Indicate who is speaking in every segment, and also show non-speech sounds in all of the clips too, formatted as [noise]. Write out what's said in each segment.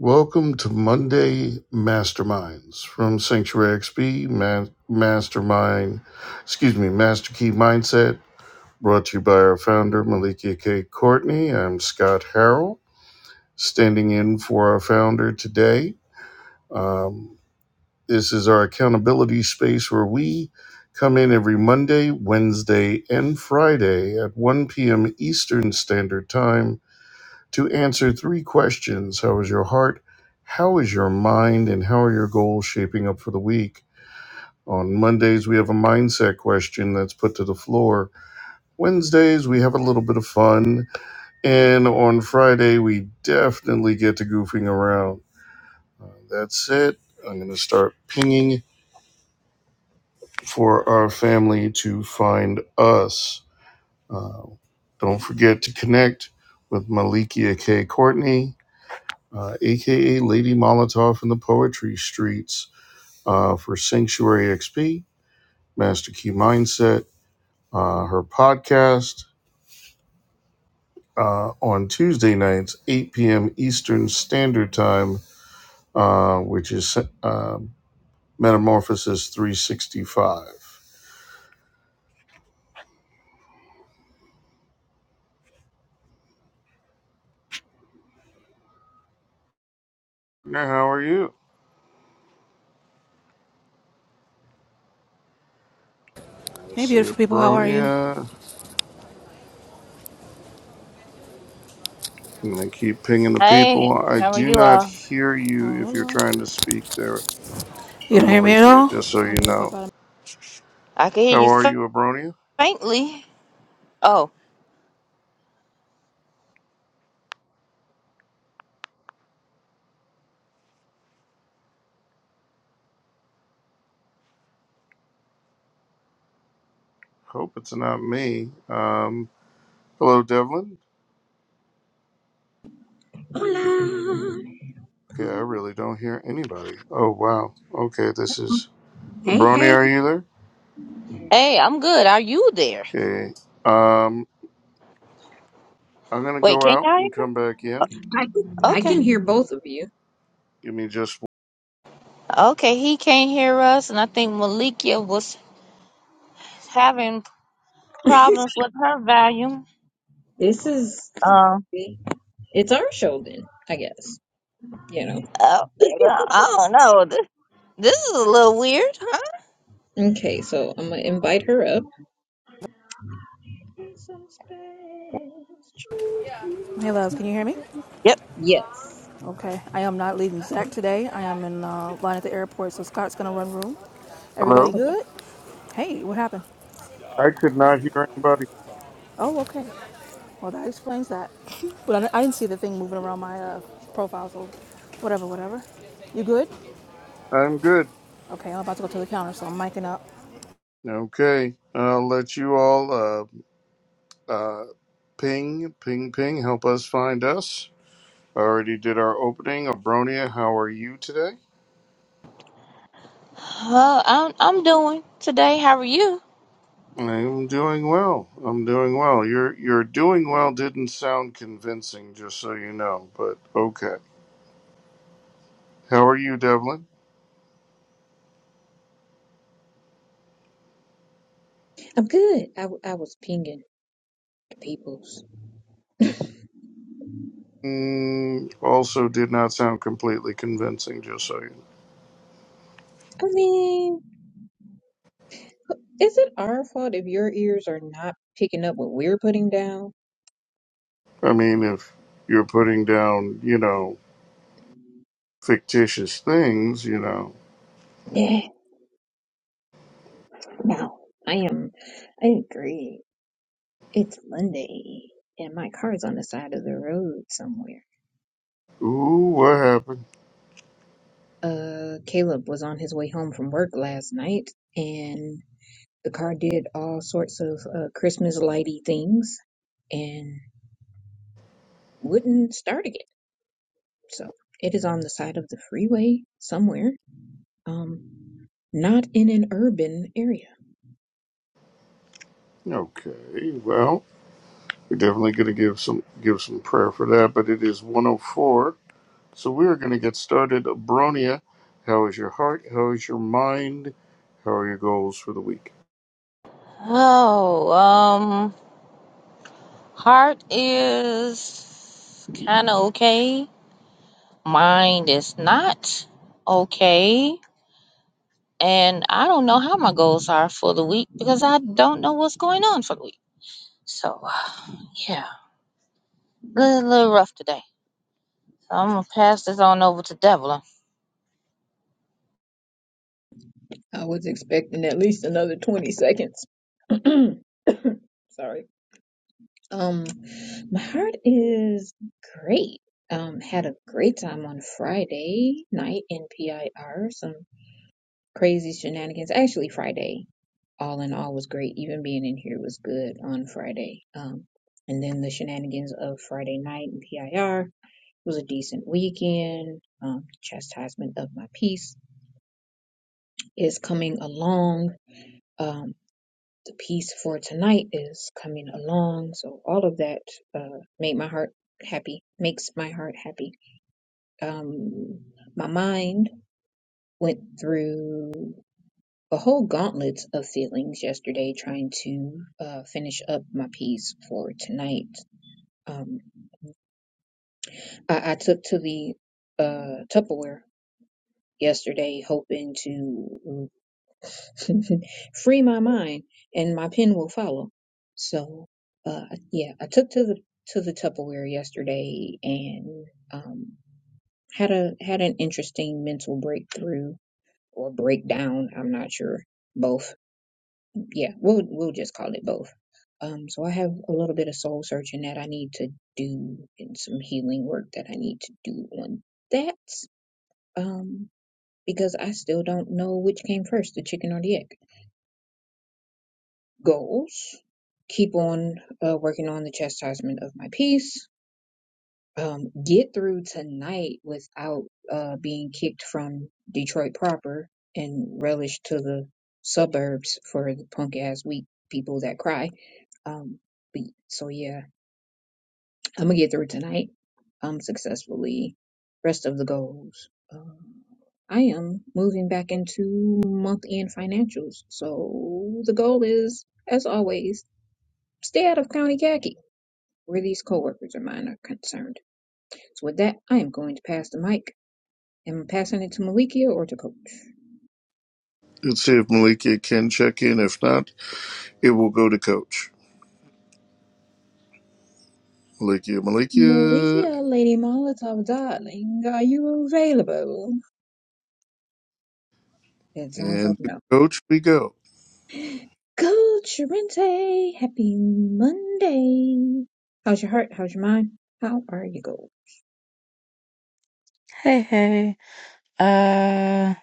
Speaker 1: Welcome to Monday Masterminds from Sanctuary XP Ma- Mastermind, excuse me, Master Key Mindset, brought to you by our founder, Malikia K. Courtney. I'm Scott Harrell, standing in for our founder today. Um, this is our accountability space where we come in every Monday, Wednesday, and Friday at 1 p.m. Eastern Standard Time to answer three questions How is your heart? How is your mind? And how are your goals shaping up for the week? On Mondays, we have a mindset question that's put to the floor. Wednesdays, we have a little bit of fun. And on Friday, we definitely get to goofing around. Uh, that's it. I'm going to start pinging for our family to find us. Uh, don't forget to connect with Malikia K. Courtney uh, aka Lady Molotov in the Poetry Streets, uh, for Sanctuary XP, Master Key Mindset, uh, her podcast uh, on Tuesday nights, 8 p.m. Eastern Standard Time, uh, which is uh, Metamorphosis 365. Now, how are you? I
Speaker 2: Hey,
Speaker 1: see a
Speaker 2: beautiful people, how are you?
Speaker 1: Bronia. I'm going to keep pinging the
Speaker 3: Hey,
Speaker 1: people. I
Speaker 3: how are
Speaker 1: do
Speaker 3: you
Speaker 1: not
Speaker 3: all?
Speaker 1: hear you if you're
Speaker 2: Hola.
Speaker 1: trying to speak there,
Speaker 2: You don't hear me at
Speaker 1: Malikia,
Speaker 2: all?
Speaker 1: just so you know.
Speaker 3: I can hear
Speaker 1: How
Speaker 3: you
Speaker 1: are
Speaker 3: fa-
Speaker 1: you, Abronia?
Speaker 3: faintly. Oh,
Speaker 1: Hope it's not me. Um, hello, Devlin.
Speaker 4: Hola.
Speaker 1: Okay, I really don't hear anybody. Oh wow. Okay, this is
Speaker 4: Hey,
Speaker 1: Brony.
Speaker 4: hey.
Speaker 1: Are you there?
Speaker 3: hey, I'm good. Are you there?
Speaker 1: Okay. Um, I'm gonna
Speaker 3: Wait,
Speaker 1: go
Speaker 3: can
Speaker 1: out
Speaker 3: y'all hear
Speaker 1: and come back in.
Speaker 4: I can,
Speaker 3: me?
Speaker 4: I
Speaker 3: Okay.
Speaker 4: can hear both of you.
Speaker 1: Give me just.
Speaker 3: Okay, he can't hear us, and I think Malikia was having
Speaker 4: [laughs]
Speaker 3: problems with her volume.
Speaker 4: This is
Speaker 3: Um,
Speaker 4: it's our show then, I guess. You know.
Speaker 3: uh, I don't know. Th- This is a little weird, huh?
Speaker 4: Okay, so I'm gonna invite her up.
Speaker 2: Hey, loves, can you hear me?
Speaker 3: Yep.
Speaker 4: Yes.
Speaker 2: Okay, I am not leaving Zach today. I am in uh, line at the airport, so Scott's gonna run room. Everybody
Speaker 1: Hello.
Speaker 4: Okay.
Speaker 2: good? Hey, what happened?
Speaker 1: I could not hear anybody.
Speaker 2: Oh, okay. Well, that explains that. [laughs] But I, didn't- I didn't see the thing moving around my uh, profile, so whatever, whatever. You good?
Speaker 1: I'm good.
Speaker 2: Okay, I'm about to go to the counter, so I'm miking up.
Speaker 1: Okay. I'll let you all. Uh, uh, ping, ping, ping. Help us find us. I already did our opening. Abronia, how are you today?
Speaker 3: Uh, I'm, I'm doing today. How are you?
Speaker 1: I'm doing well. I'm doing well. Your your doing well didn't sound convincing, just so you know. But okay. How are you, Devlin?
Speaker 4: I'm good. I, w- I was pinging the peoples.
Speaker 1: Mm, also, did not sound completely convincing, just so you. Know.
Speaker 4: I mean, is it our fault if your ears are not picking up what we're putting down?
Speaker 1: I mean, if you're putting down, you know, fictitious things, you know.
Speaker 4: Yeah, no. I am. I agree. It's Monday, and my car's on the side of the road somewhere.
Speaker 1: Ooh, what happened?
Speaker 4: Uh, Caleb was on his way home from work last night, and the car did all sorts of uh, Christmas lighty things and wouldn't start again. So it is on the side of the freeway somewhere. Um, not in an urban area.
Speaker 1: Okay. Well, we're definitely gonna give some give some prayer for that. But it is 104. So we're going to get started. Bronia, how is your heart? How is your mind? How are your goals for the week?
Speaker 3: Oh, um, heart is kind of okay. Mine is not okay. And I don't know how my goals are for the week because I don't know what's going on for the week. So, yeah, a little, little rough today. So I'm going to pass this on over to Devlin.
Speaker 4: I was expecting at least another 20 seconds. [clears throat] Sorry Um, my heart is great. Um, had a great time on Friday night in PIR. Some crazy shenanigans. Actually, Friday, all in all, was great. Even being in here was good on Friday. Um, and then the shenanigans of Friday night in PIR was a decent weekend. Um, chastisement of my peace is coming along. Um. The piece for tonight is coming along, so all of that uh, made my heart happy, makes my heart happy. Um, my mind went through a whole gauntlet of feelings yesterday trying to uh, finish up my piece for tonight. Um, I, I took to the uh, Tupperware yesterday, hoping to [laughs] Free my mind, and my pen will follow. So, uh, yeah, I took to the to the Tupperware yesterday and um, had a had an interesting mental breakthrough or breakdown. I'm not sure. Both. Yeah, we'll we'll just call it both. Um, so I have a little bit of soul searching that I need to do and some healing work that I need to do on that. Um, because I still don't know which came first, the chicken or the egg. goals, keep on uh, working on the chastisement of my peace, um, get through tonight without uh, being kicked from Detroit proper, and relish to the suburbs for the punk ass weak people that cry. Um, but, so yeah, I'm gonna get through tonight. Um, successfully. Rest of the goals. Um, I am moving back into month end financials. So the goal is, as always Stay out of County khaki where these co-workers of mine are concerned. So with that, I am going to pass the mic. Am I passing it to Malikia or to Coach?
Speaker 1: Let's see if Malikia can check in. If not, it will go to Coach. Malikia, Malikia,
Speaker 4: Malikia, Lady Molotov, darling, are you available? That sounds
Speaker 1: and
Speaker 4: like
Speaker 1: to
Speaker 4: no.
Speaker 1: Coach we go.
Speaker 4: Coach Rente, happy Monday. How's your heart? How's your mind? How are you going?
Speaker 5: Hey, hey. Uh,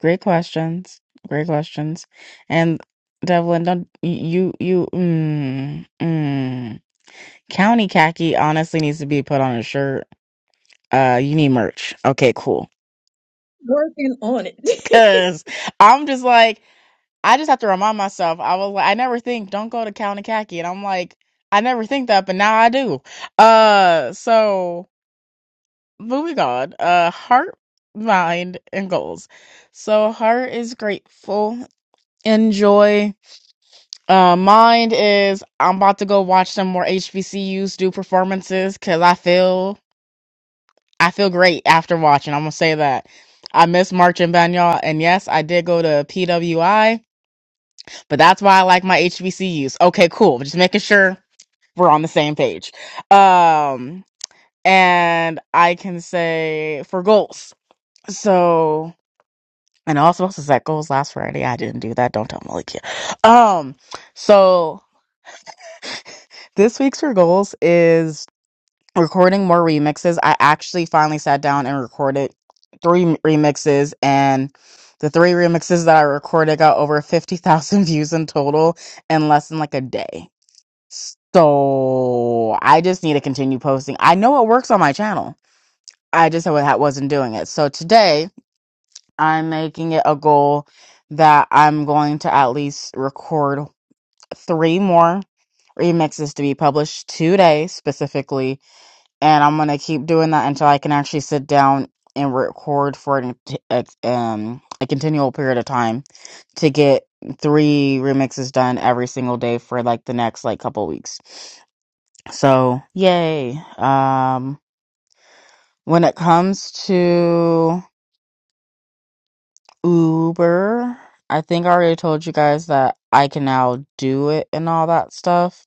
Speaker 5: great questions. Great questions. And Devlin, don't you you mm, mm. County khaki honestly needs to be put on a shirt. Uh, you need merch. Okay, cool.
Speaker 4: Working on it. [laughs]
Speaker 5: Cause I'm just like I just have to remind myself. I was like I never think don't go to county khaki, and I'm like I never think that, but now I do. Uh, so moving on. Uh, heart, mind, and goals. So heart is grateful. enjoy. Uh, mine is I'm about to go watch some more HBCUs do performances because I feel I feel great after watching. I'm gonna say that. I miss March and you And yes, I did go to PWI, but that's why I like my HBCUs. Okay, cool. Just making sure we're on the same page. Um, and I can say for goals. So, and also supposed to set goals last Friday. I didn't do that. Don't tell Malikia. Um, so This week's for goals is recording more remixes. I actually finally sat down and recorded three m- remixes, and the three remixes that I recorded got over 50,000 [laughs] views in total in less than like a day. So I just need to continue posting. I know it works on my channel. I just wa- wasn't doing it. So today I'm making it a goal that I'm going to at least record three more remixes to be published today specifically and I'm gonna keep doing that until I can actually sit down and record for an, a, um a continual period of time to get three remixes done every single day for like the next like couple weeks. So yay! Um, when it comes to Uber, I think I already told you guys that I can now do it and all that stuff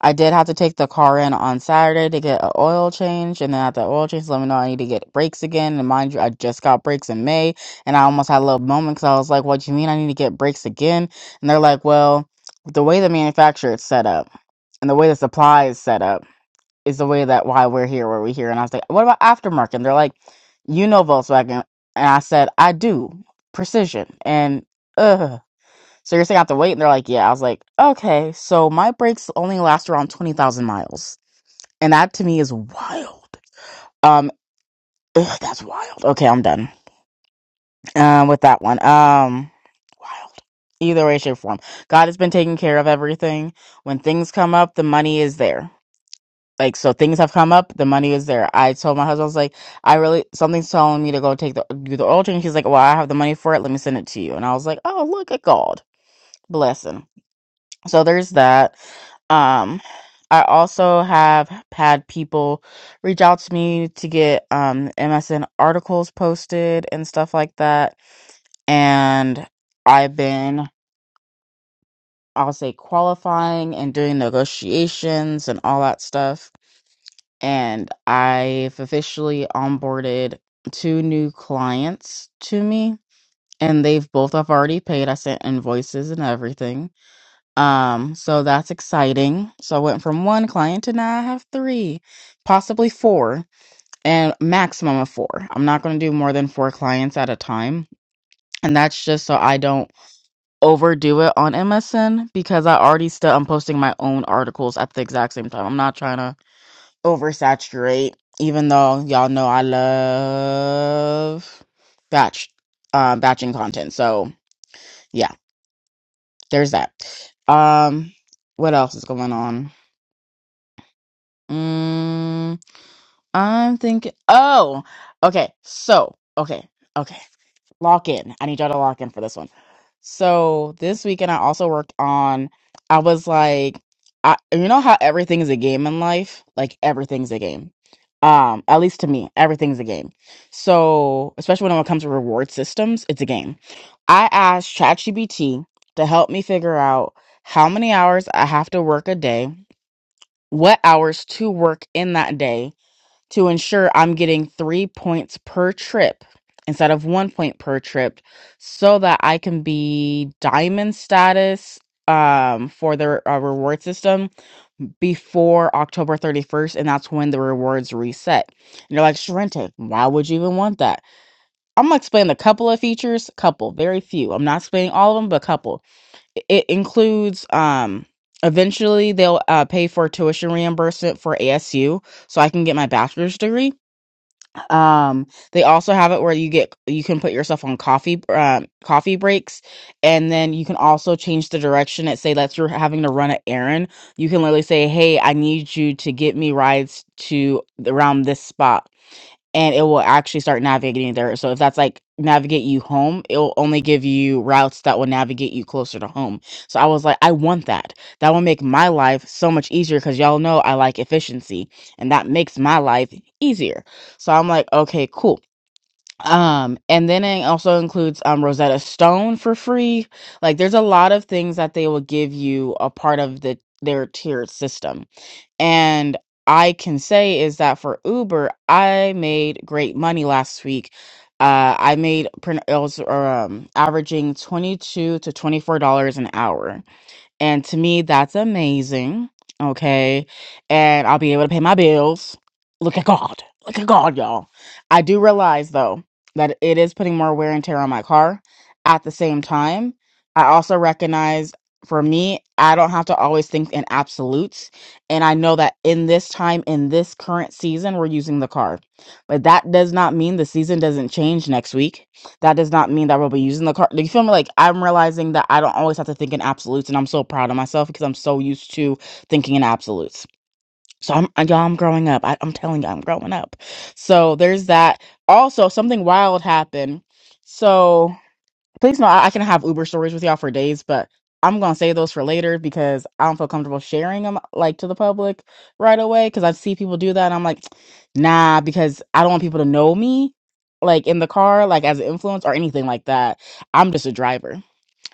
Speaker 5: I did have to take the car in on Saturday to get an oil change, and then at the oil change, let me know I need to get brakes again. And mind you, I just got brakes in May, and I almost had a little moment because I was like, "What do you mean I need to get brakes again?" And they're like, "Well, the way the manufacturer is set up and the way the supply is set up is the way that why we're here, where we're here." And I was like, "What about aftermarket?" And they're like, "You know Volkswagen," and I said, "I do precision," and ugh. So you're saying I have to wait? And they're like, yeah. I was like, okay. So my brakes only last around 20,000 miles. And that to me is wild. Um, [laughs] ugh, that's wild. Okay, I'm done um, with that one. Um, wild. Either way, shape, or form. God has been taking care of everything. When things come up, the money is there. Like, so things have come up, the money is there. I told my husband, I was like, I really, something's telling me to go take the, do the oil change. He's like, well, I have the money for it. Let me send it to you. And I was like, oh, look at God. Blessing. So there's that. Um, I also have had people reach out to me to get um, MSN articles posted and stuff like that. And I've been, I'll say, qualifying and doing negotiations and all that stuff. And I've officially onboarded two new clients to me. And they've both have already paid. I sent invoices and everything Um, so that's exciting. So I went from one client to now I have three, possibly four, and maximum of four. I'm not going to do more than four clients at a time. And that's just so I don't overdo it on MSN because I already still I'm posting my own articles at the exact same time. I'm not trying to oversaturate, even though y'all know I love batch uh, batching content. So yeah, there's that. Um, what else is going on? Mm, I'm thinking. Oh, okay. So, okay, okay. Lock in. I need y'all to lock in for this one. So this weekend, I also worked on. I was like, I you know how everything is a game in life. Like everything's a game. Um, at least to me, everything's a game. So especially when it comes to reward systems, it's a game. I asked ChatGPT to help me figure out how many hours I have to work a day, what hours to work in that day to ensure I'm getting three points per trip instead of one point per trip so that I can be diamond status um for the uh, reward system before October 31st and that's when the rewards reset. And you're like, "Sharente, why would you even want that?" I'm going to explain a couple of features, couple, very few. I'm not explaining all of them, but a couple. It it includes um eventually they'll uh, pay for tuition reimbursement for ASU so I can get my bachelor's degree um, they also have it where you get you can put yourself on coffee um, coffee breaks, and then you can also change the direction. It say that you're having to run an errand. You can literally say, "Hey, I need you to get me rides to around this spot." and it will actually start navigating there. So if that's like navigate you home, it will only give you routes that will navigate you closer to home. So I was like, I want that. That will make my life so much easier because y'all know I like efficiency and that makes my life easier. So I'm like, okay, cool. Um, and then it also includes um Rosetta Stone for free. Like there's a lot of things that they will give you a part of the their tiered system. And I can say is that for Uber, I made great money last week. Uh, I made print it was um averaging twenty two to twenty four dollars an hour and to me, that's amazing. Okay. And I'll be able to pay my bills. Look at God. Look at God, y'all. I do realize, though, that it is putting more wear and tear on my car. At the same time, I also recognize for me, I don't have to always think in absolutes. And I know that in this time, in this current season, we're using the car. But that does not mean the season doesn't change next week that does not mean that we'll be using the car. like, You feel me? Like I'm realizing that I don't always have to think in absolutes, and I'm so proud of myself because I'm so used to thinking in absolutes. So I'm, I- y'all, I'm growing up. I, I'm telling you, I'm growing up. So there's that. Also, something wild happened. So Please know I, I can have Uber stories with y'all for days, but I'm gonna save those for later because I don't feel comfortable sharing them like to the public right away because I see people do that and I'm like, nah, because I don't want people to know me like in the car, like as an influence or anything like that. I'm just a driver.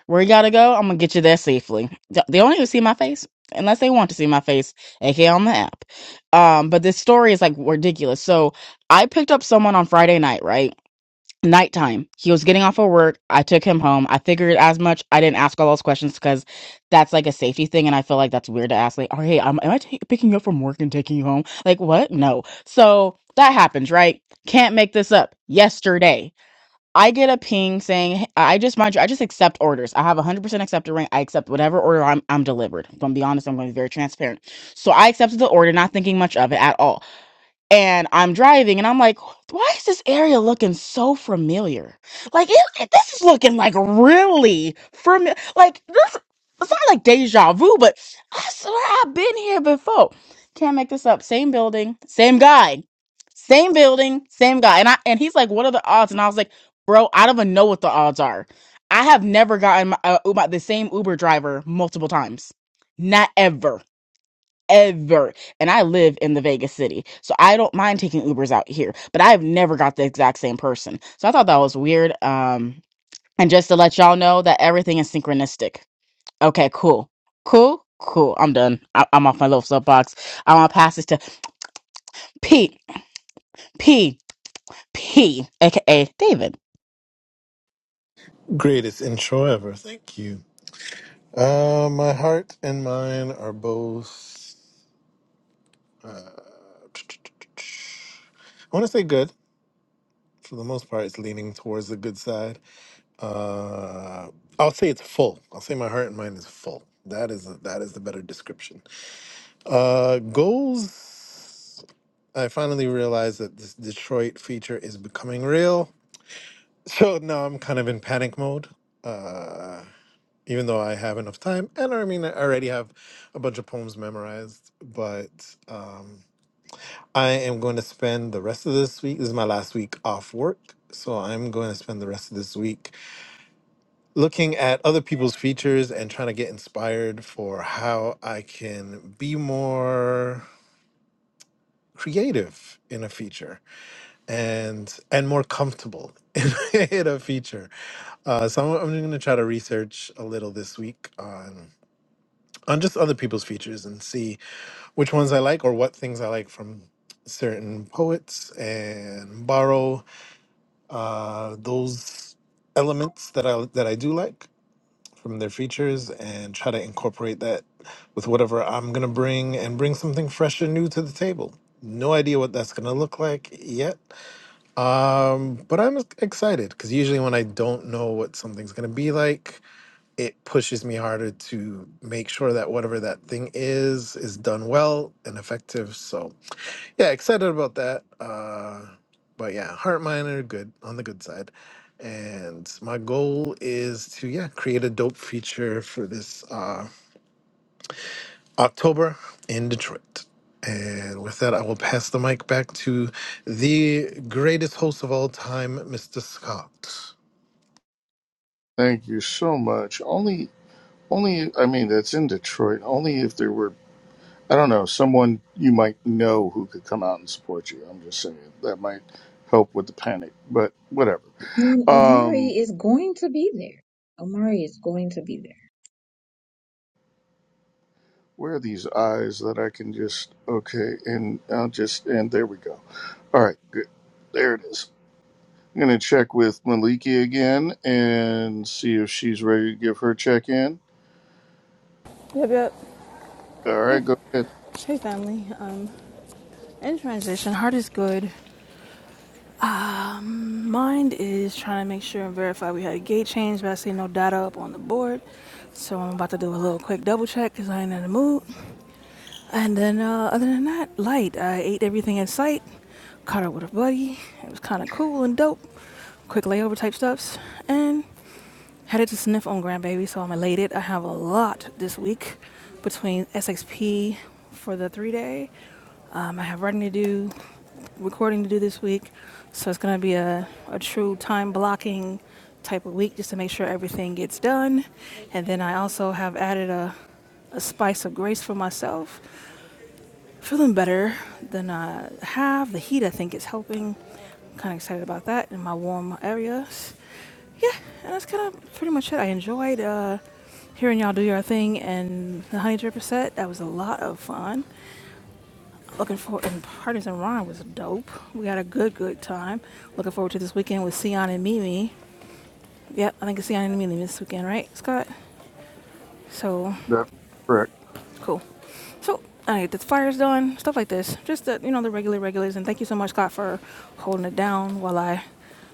Speaker 5: Where you gotta go, I'm gonna get you there safely. Th- They don't even see my face unless they want to see my face, aka on the app. Um, but this story is like ridiculous. So I picked up someone on Friday night, right? nighttime he was getting off of work i took him home i figured as much i didn't ask all those questions because that's like a safety thing and i feel like that's weird to ask like oh hey um, am i ta- picking you up from work and taking you home like what no so that happens right can't make this up yesterday i get a ping saying "Hey," i just mind you i just accept orders i have a 100% accepted rank i accept whatever order i'm, I'm delivered if i'm gonna be honest i'm gonna be very transparent so i accepted the order not thinking much of it at all and I'm driving and I'm like, why is this area looking so familiar? Like it, it- this is looking like really familiar. Like this, it's not like deja vu, but I swear I've been here before. Can't make this up. Same building, same guy, same building, same guy. And I and he's like, what are the odds? And I was like, bro, I don't even know what the odds are. I have never gotten my, uh, Uber, the same Uber driver multiple times. Not ever ever. And I live in the Vegas city. So I don't mind taking Ubers out here, but I've never got the exact same person. So I thought that was weird. Um, and just to let y'all know that everything is synchronistic. Okay, cool. Cool. Cool. I'm done. I- I'm off my little soapbox. I want to pass this to P, P, P, aka David.
Speaker 6: Greatest intro ever. Thank you. Uh, my heart and mine are both. I want to say good. For the most part, it's leaning towards the good side. Uh, I'll say it's full. I'll say my heart and mine is full. That is that is the better description. Uh, goals. I finally realized that this Detroit feature is becoming real. So now I'm kind of in panic mode. Uh, even though I have enough time. And I mean, I already have a bunch of poems memorized, but um, I am going to spend the rest of this week. This is my last week off work. So I'm going to spend the rest of this week looking at other people's features and trying to get inspired for how I can be more creative in a feature and and more comfortable [laughs] in, in a feature. Uh, so I'm, I'm going to try to research a little this week on on just other people's features and see which ones I like or what things I like from certain poets and borrow uh, those elements that I that I do like from their features and try to incorporate that with whatever I'm gonna bring and bring something fresh and new to the table. No idea what that's gonna look like yet, um, but I'm excited because usually when I don't know what something's gonna be like, it pushes me harder to make sure that whatever that thing is is done well and effective. So yeah, excited about that. Uh, but yeah, heart mine are good on the good side. And my goal is to yeah create a dope feature for this uh, October in Detroit. And with that, I will pass the mic back to the greatest host of all time, Mr. Scott.
Speaker 1: Thank you so much. Only, only, I mean, that's in Detroit. Only if there were, I don't know, someone you might know who could come out and support you. I'm just saying that might help with the panic, but whatever.
Speaker 4: And Omari
Speaker 1: Um,
Speaker 4: is going to be there. Omari is going to be there.
Speaker 1: Where are these eyes that I can just okay and I'll just and there we go. All right, good. There it is. I'm gonna check with Maliki again and see if she's ready to give her check in.
Speaker 2: Yep, yep.
Speaker 1: All
Speaker 2: Hey,
Speaker 1: right, go ahead.
Speaker 2: hey, family. Um, in transition, heart is good. Mind is trying to make sure and verify we had a gate change, but I see no data up on the board. So I'm about to do a little quick double check because I ain't in the mood. And then, uh, other than that, light. I ate everything in sight, caught up with a buddy. It was kind of cool and dope. Quick layover type stuffs. And Headed to sniff on grandbaby, so I'm elated. I have a lot this week between SXP for the three day. Um, I have writing to do, recording to do this week, so it's gonna be a, a true time blocking type of week just to make sure everything gets done. And then I also have added a, a spice of grace for myself Feeling better than I have. The heat, I think, is helping. I'm kind of excited about that in my warm areas. Yeah, and that's kind of pretty much it. I enjoyed uh, hearing y'all do your thing and the Honey Dripper set. That was a lot of fun. Looking forward, and Parties and Rhyme was dope. We had a good, good time. Looking forward to this weekend with Sion and Mimi. Yep, I think it's Sion and Mimi this weekend, right, Scott? So
Speaker 1: That's correct.
Speaker 2: Cool. So, all right, the fire's done, stuff like this. Just the, you know, the regular regulars. And thank you so much, Scott, for holding it down while I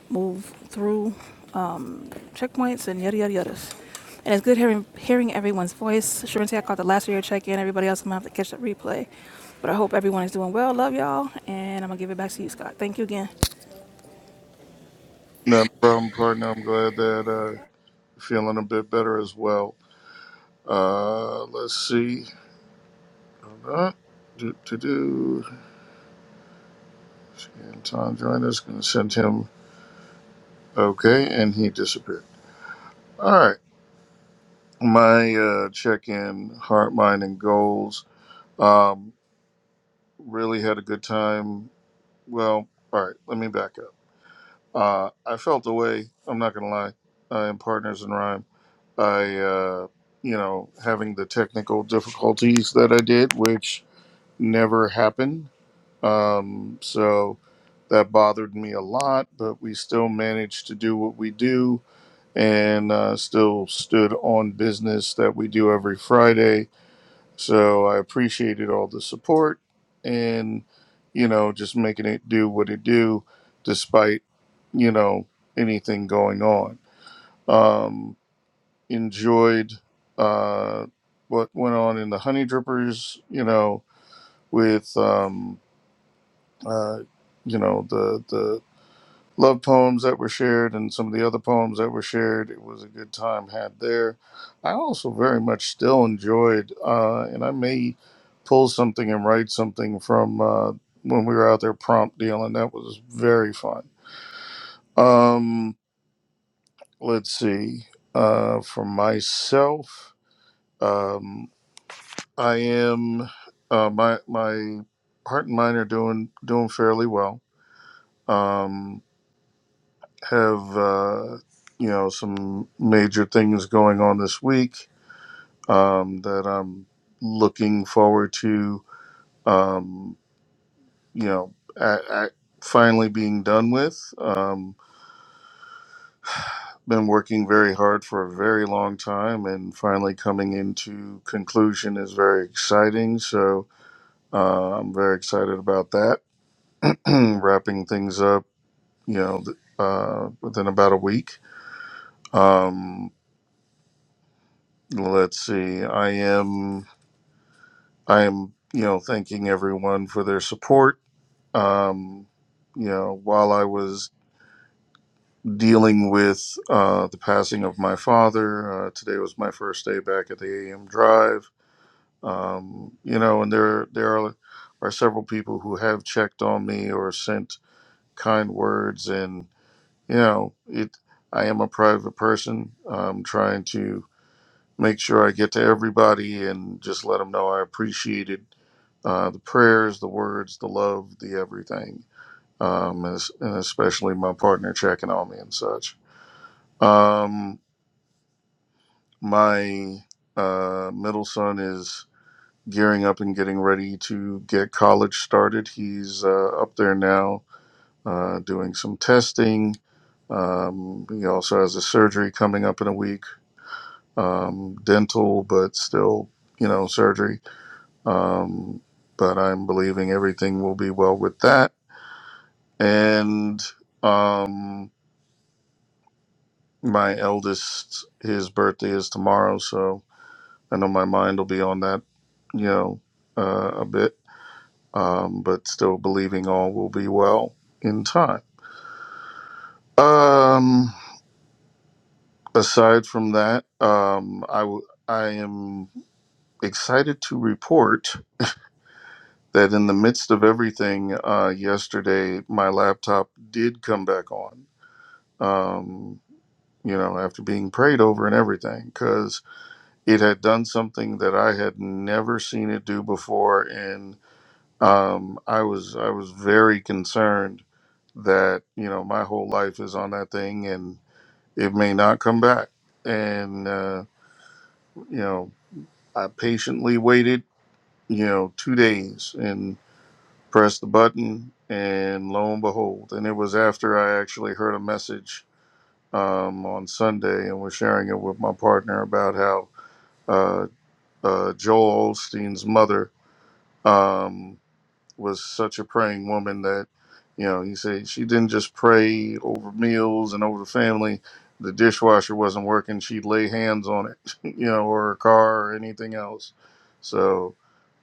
Speaker 2: move through um, checkpoints and yada yada yadas. And it's good hearing hearing everyone's voice. Sharente, I caught the last of your check in. Everybody else, I'm gonna have to catch the replay. But I hope everyone is doing well. Love y'all, and I'm gonna give it back to you, Scott. Thank you again.
Speaker 1: No no problem, partner. I'm glad that uh you're feeling a bit better as well. Uh let's see. Hold Do do do and Tom joined us, gonna send him okay, and he disappeared. All right. my uh, check-in heart mind and goals um, really had a good time well all right let me back up uh, i felt the way i'm not gonna lie uh, in partners in rhyme i uh, you know having the technical difficulties that i did which never happened um, so that bothered me a lot but we still managed to do what we do and uh, still stood on business that we do every friday So I appreciated all the support and, you know, just making it do what it do despite, you know, anything going on. Um, enjoyed uh, what went on in the Honey Drippers, you know, with, um, uh, you know, the, the, love poems that were shared and some of the other poems that were shared. It was a good time had there. I also very much still enjoyed, uh, and I may pull something and write something from uh, when we were out there prompt dealing. That was very fun. Um, let's see. Uh, for myself, um, I am uh, my my heart and mind are doing doing fairly well. Um, have uh, you know some major things going on this week um, that I'm looking forward to. Um, you know, I, I finally being done with. Um, been working very hard for a very long time, and finally coming into conclusion is very exciting. So uh, I'm very excited about that. [clears throat] Wrapping things up, you know, th- uh, within about a week. Um, let's see. I am. I'm, you know, thanking everyone for their support. Um, you know, while I was dealing with uh, the passing of my father, uh, today was my first day back at the AM Drive. Um, you know, and there there are, are several people who have checked on me or sent kind words, and you know, it. I am a private person. I'm trying to make sure I get to everybody and just let them know I appreciated uh, the prayers, the words, the love, the everything, um, and, and especially my partner checking on me and such. Um, my uh, middle son is gearing up and getting ready to get college started. He's uh, up there now uh, doing some testing. Um, he also has a surgery coming up in a week, um, dental, but still, you know, surgery Um, but I'm believing everything will be well with that. And um, my eldest, his birthday is tomorrow, so I know my mind will be on that, you know, uh, a bit. Um, but still believing all will be well in time. Um, aside from that, um, I w- I am excited to report that in the midst of everything uh, yesterday, my laptop did come back on. um, you know, after being prayed over and everything, because it had done something that I had never seen it do before, and um, I was I was very concerned that you know my whole life is on that thing and it may not come back. And uh, you know, I patiently waited, you know, two days and pressed the button, and lo and behold, and it was after I actually heard a message um, on Sunday, and was sharing it with my partner about how uh, uh, Joel Olstein's mother um, was such a praying woman that, you know, he said she didn't just pray over meals and over the family. The dishwasher wasn't working; she'd lay hands on it, [laughs] you know, or her car or anything else. So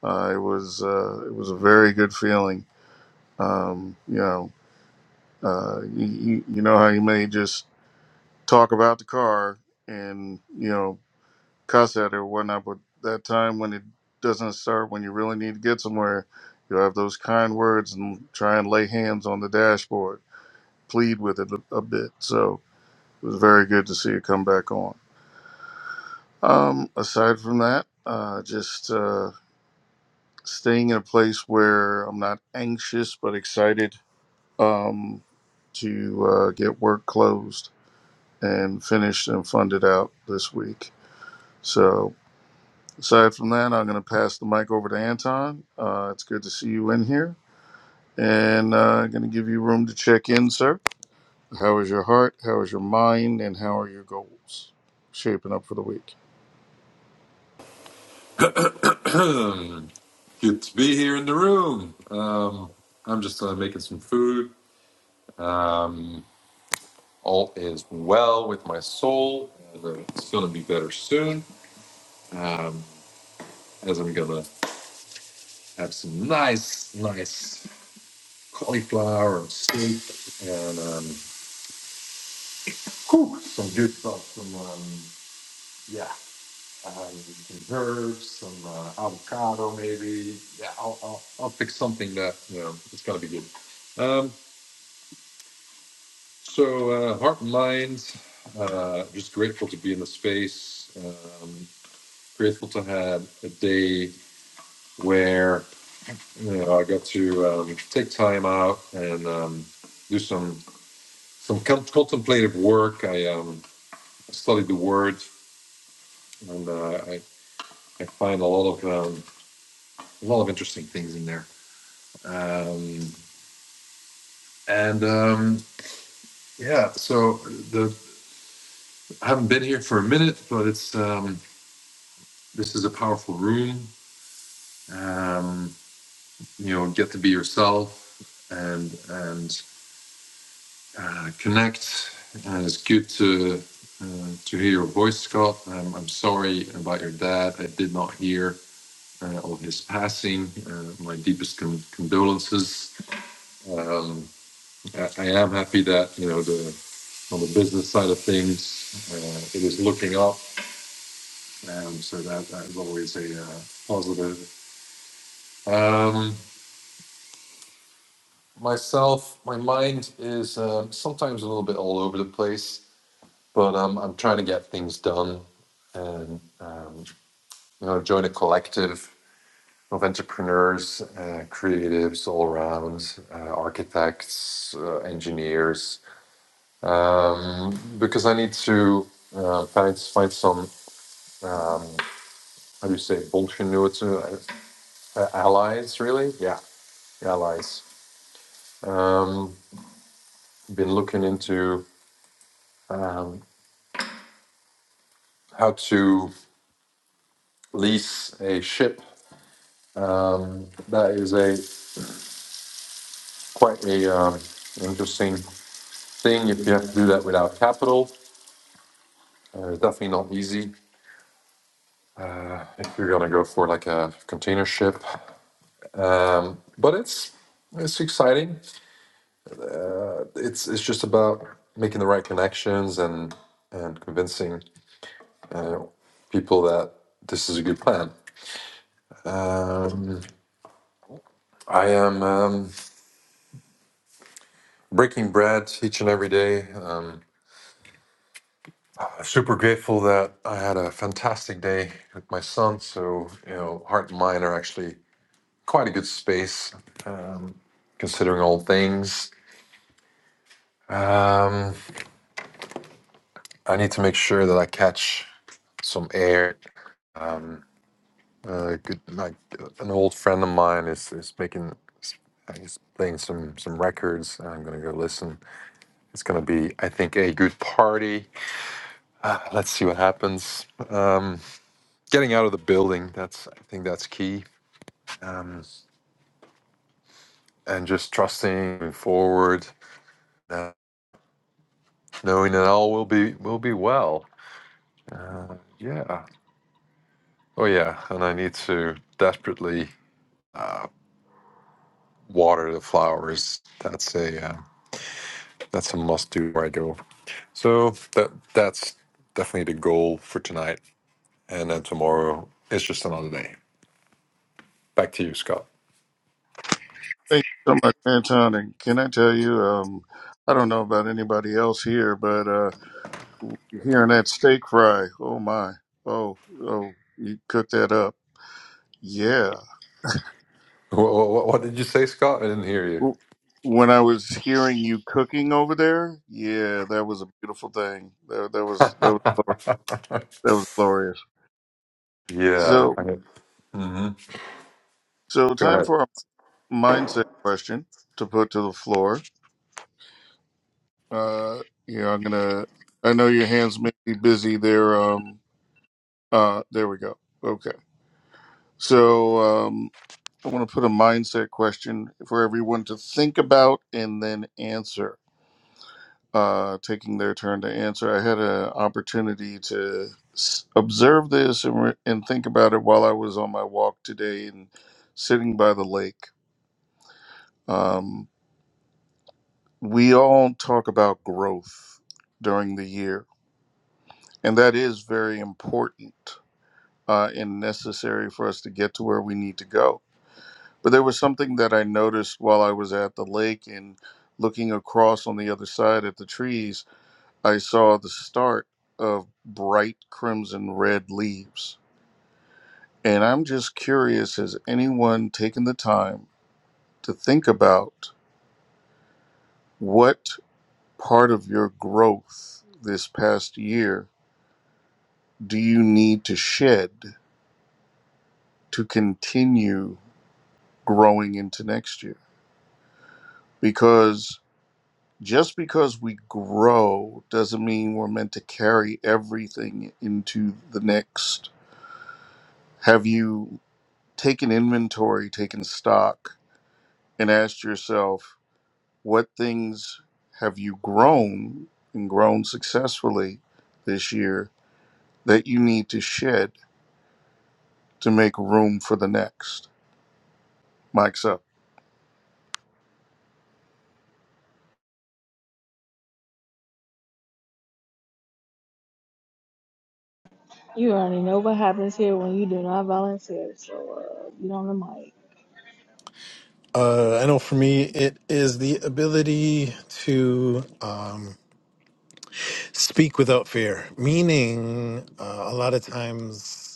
Speaker 1: uh, it was uh, it was a very good feeling. Um, you know, uh, you, you you know how you may just talk about the car and you know cuss at it or whatnot, but that time when it doesn't start, when you really need to get somewhere, you have those kind words and try and lay hands on the dashboard, plead with it a, a bit. So it was very good to see it come back on. Um, aside from that, uh, just uh, staying in a place where I'm not anxious but excited um, to uh, get work closed and finished and funded out this week. So Aside from that, I'm going to pass the mic over to Anton. Uh, it's good to see you in here. And uh, going to give you room to check in, sir. How is your heart? How is your mind? And how are your goals shaping up for the week?
Speaker 7: Good to be here in the room. Um, I'm just uh, making some food. Um, all is well with my soul. Uh, It's going to be better soon. Um, as I'm going to have some nice, nice cauliflower and steak and um, whew, some good stuff. Some, um, yeah, um, some herbs, some uh, avocado maybe. Yeah, I'll, I'll, I'll pick something that, you know, it's going to be good. Um, So, uh, heart and mind, uh, just grateful to be in the space. Um, grateful to have a day where you know I got to um, take time out and um, do some some con- contemplative work. I um, studied the word, and uh, I, I find a lot of um, a lot of interesting things in there. Um, and um, yeah, so the I haven't been here for a minute, but it's um, this is a powerful room um, you know get to be yourself and and uh, connect and it's good to uh, to hear your voice scott um, i'm sorry about your dad i did not hear uh, of his passing uh, my deepest con- condolences um, I, I am happy that you know the on the business side of things uh, it is looking up um, so that, that is always a uh, positive um, myself, my mind is uh, sometimes a little bit all over the place, but um, I'm trying to get things done and um, you know join a collective of entrepreneurs, uh, creatives all around, uh, architects, uh, engineers, um, because I need to uh, find find some um, how do you say Bolshevik uh, uh, allies really? Yeah, allies. Um, been looking into. Um, how to lease a ship. Um, that is a quite a um, interesting thing if you have to do that without capital. Uh, definitely not easy uh, if you're gonna go for like a container ship. Um, but it's it's exciting. It's it's just about making the right connections and and convincing uh, people that this is a good plan. Um, I am um, breaking bread each and every day. Um, super grateful that I had a fantastic day with my son. So, you know, heart and mind are actually quite a good space, um, considering all things. Um, I need to make sure that I catch some air. Uh, good, like an old friend of mine is is making, he's playing some some records. and I'm gonna go listen. It's gonna be, I think, a good party. Uh, let's see what happens. Um, getting out of the building. That's I think that's key Um, and just trusting moving forward, uh, knowing that all will be will be well. Uh, yeah. Oh yeah. And I need to desperately uh, water the flowers. That's a uh, that's a must do where I go. So that that's definitely the goal for tonight. And then tomorrow is just another day. Back to you, Scott. [laughs]
Speaker 1: Thank you so much, Anton. And can I tell you, um, I don't know about anybody else here, but uh, hearing that steak fry, oh my, oh, oh, you cooked that up. yeah.
Speaker 7: What, what, what did you say, Scott? I didn't hear you.
Speaker 1: W- When I was hearing you cooking over there, yeah, that was a beautiful thing. That, that
Speaker 7: [laughs]
Speaker 1: was that was glorious. that was glorious.
Speaker 7: yeah.
Speaker 1: So
Speaker 7: I- mhm.
Speaker 1: so
Speaker 7: Go
Speaker 1: time
Speaker 7: ahead.
Speaker 1: for a mindset question to put to the floor. Uh, yeah, I'm gonna. I know your hands may be busy there. Um, uh, there we go. Okay. So um, I want to put a mindset question for everyone to think about and then answer. uh, taking their turn to answer. I had an opportunity to s- observe this and, re- and think about it while I was on my walk today and sitting by the lake. Um, we all talk about growth during the year, and that is very important uh, and necessary for us to get to where we need to go. But there was something that I noticed while I was at the lake and looking across on the other side at the trees I saw the start of bright crimson red leaves. And I'm just curious has anyone taken the time to think about what part of your growth this past year do you need to shed to continue growing into next year? Because just because we grow doesn't mean we're meant to carry everything into the next. Have you taken inventory, taken stock? and ask yourself what things have you grown and grown successfully this year that you need to shed to make room for the next. Mike's up.
Speaker 2: You already know what happens here when you do not volunteer, so uh, you don't the mic.
Speaker 6: Uh, I know for me, it is the ability to um, speak without fear, meaning uh, a lot of times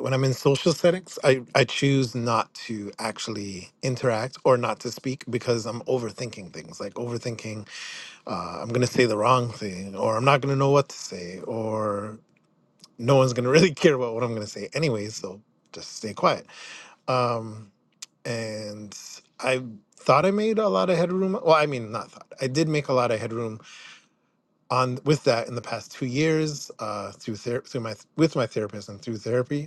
Speaker 6: when I'm in social settings, I, I choose not to actually interact or not to speak because I'm overthinking things. Like overthinking, uh, I'm gonna say the wrong thing, or I'm not gonna know what to say, or no one's gonna [laughs] really care about what I'm gonna say anyway. So just stay quiet. Um, and I thought I made a lot of headroom. Well, I mean, not thought. I did make a lot of headroom on with that in the past two years uh, through ther- through my with my therapist and through therapy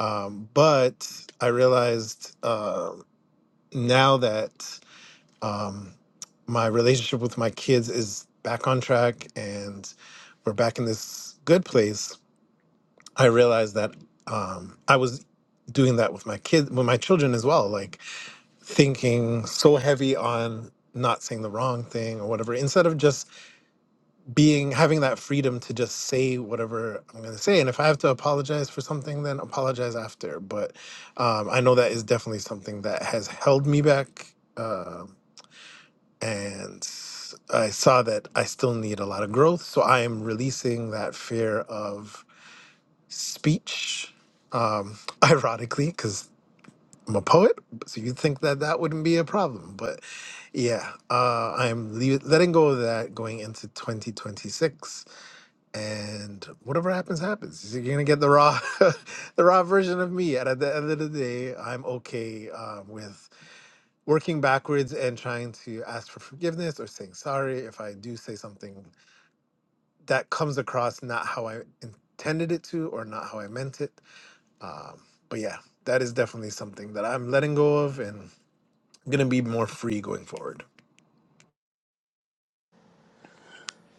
Speaker 6: um, but I realized um now that um, my relationship with my kids is back on track and we're back in this good place, I realized that um, I was doing that with my kids, with my children as well, like thinking so heavy on not saying the wrong thing or whatever, instead of just being having that freedom to just say whatever I'm going to say, and if I have to apologize for something, then apologize after. But um, I know that is definitely something that has held me back, um, and I saw that I still need a lot of growth. So I am releasing that fear of speech, um, [laughs] ironically, because I'm a poet. So you'd think that that wouldn't be a problem, but yeah, uh, I'm le- letting go of that going into 2026 and whatever happens happens you're gonna get the raw [laughs] the raw version of me and at the end of the day i'm okay um, with working backwards and trying to ask for forgiveness or saying sorry if i do say something that comes across not how i intended it to or not how i meant it um, but yeah that is definitely something that i'm letting go of and i'm gonna be more free going forward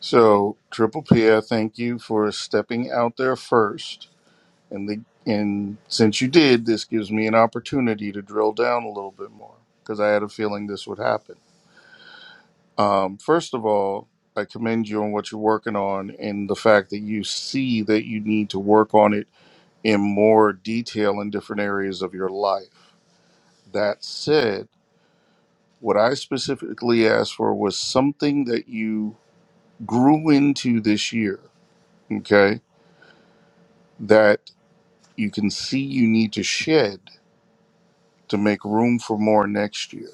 Speaker 1: So, Triple P, I thank you for stepping out there first. And, the, and since you did, this gives me an opportunity to drill down a little bit more because I had a feeling this would happen. Um, first of all, I commend you on what you're working on and the fact that you see that you need to work on it in more detail in different areas of your life. That said, what I specifically asked for was something that you grew into this year, okay, that you can see you need to shed to make room for more next year.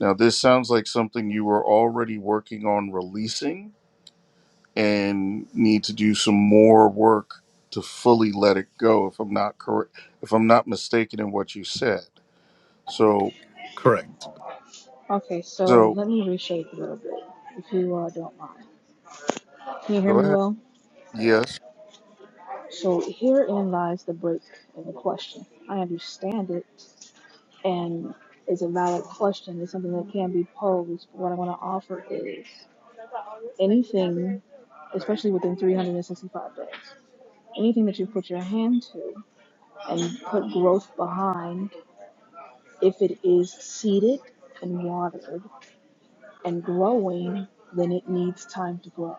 Speaker 1: Now, this sounds like something you were already working on releasing and need to do some more work to fully let it go if I'm not correct if I'm not mistaken in what you said. So
Speaker 6: correct
Speaker 2: Okay, so
Speaker 1: so
Speaker 2: let me reshape a little bit, if you uh, don't mind. Can you hear
Speaker 1: go
Speaker 2: me
Speaker 1: ahead.
Speaker 2: well?
Speaker 1: Yes.
Speaker 2: So herein lies the break in the question. I understand it, and it's a valid question. It's something that can be posed. But what I want to offer is anything, especially within 365 days, anything that you put your hand to and put growth behind, if it is seeded and watered, and growing, then it needs time to grow,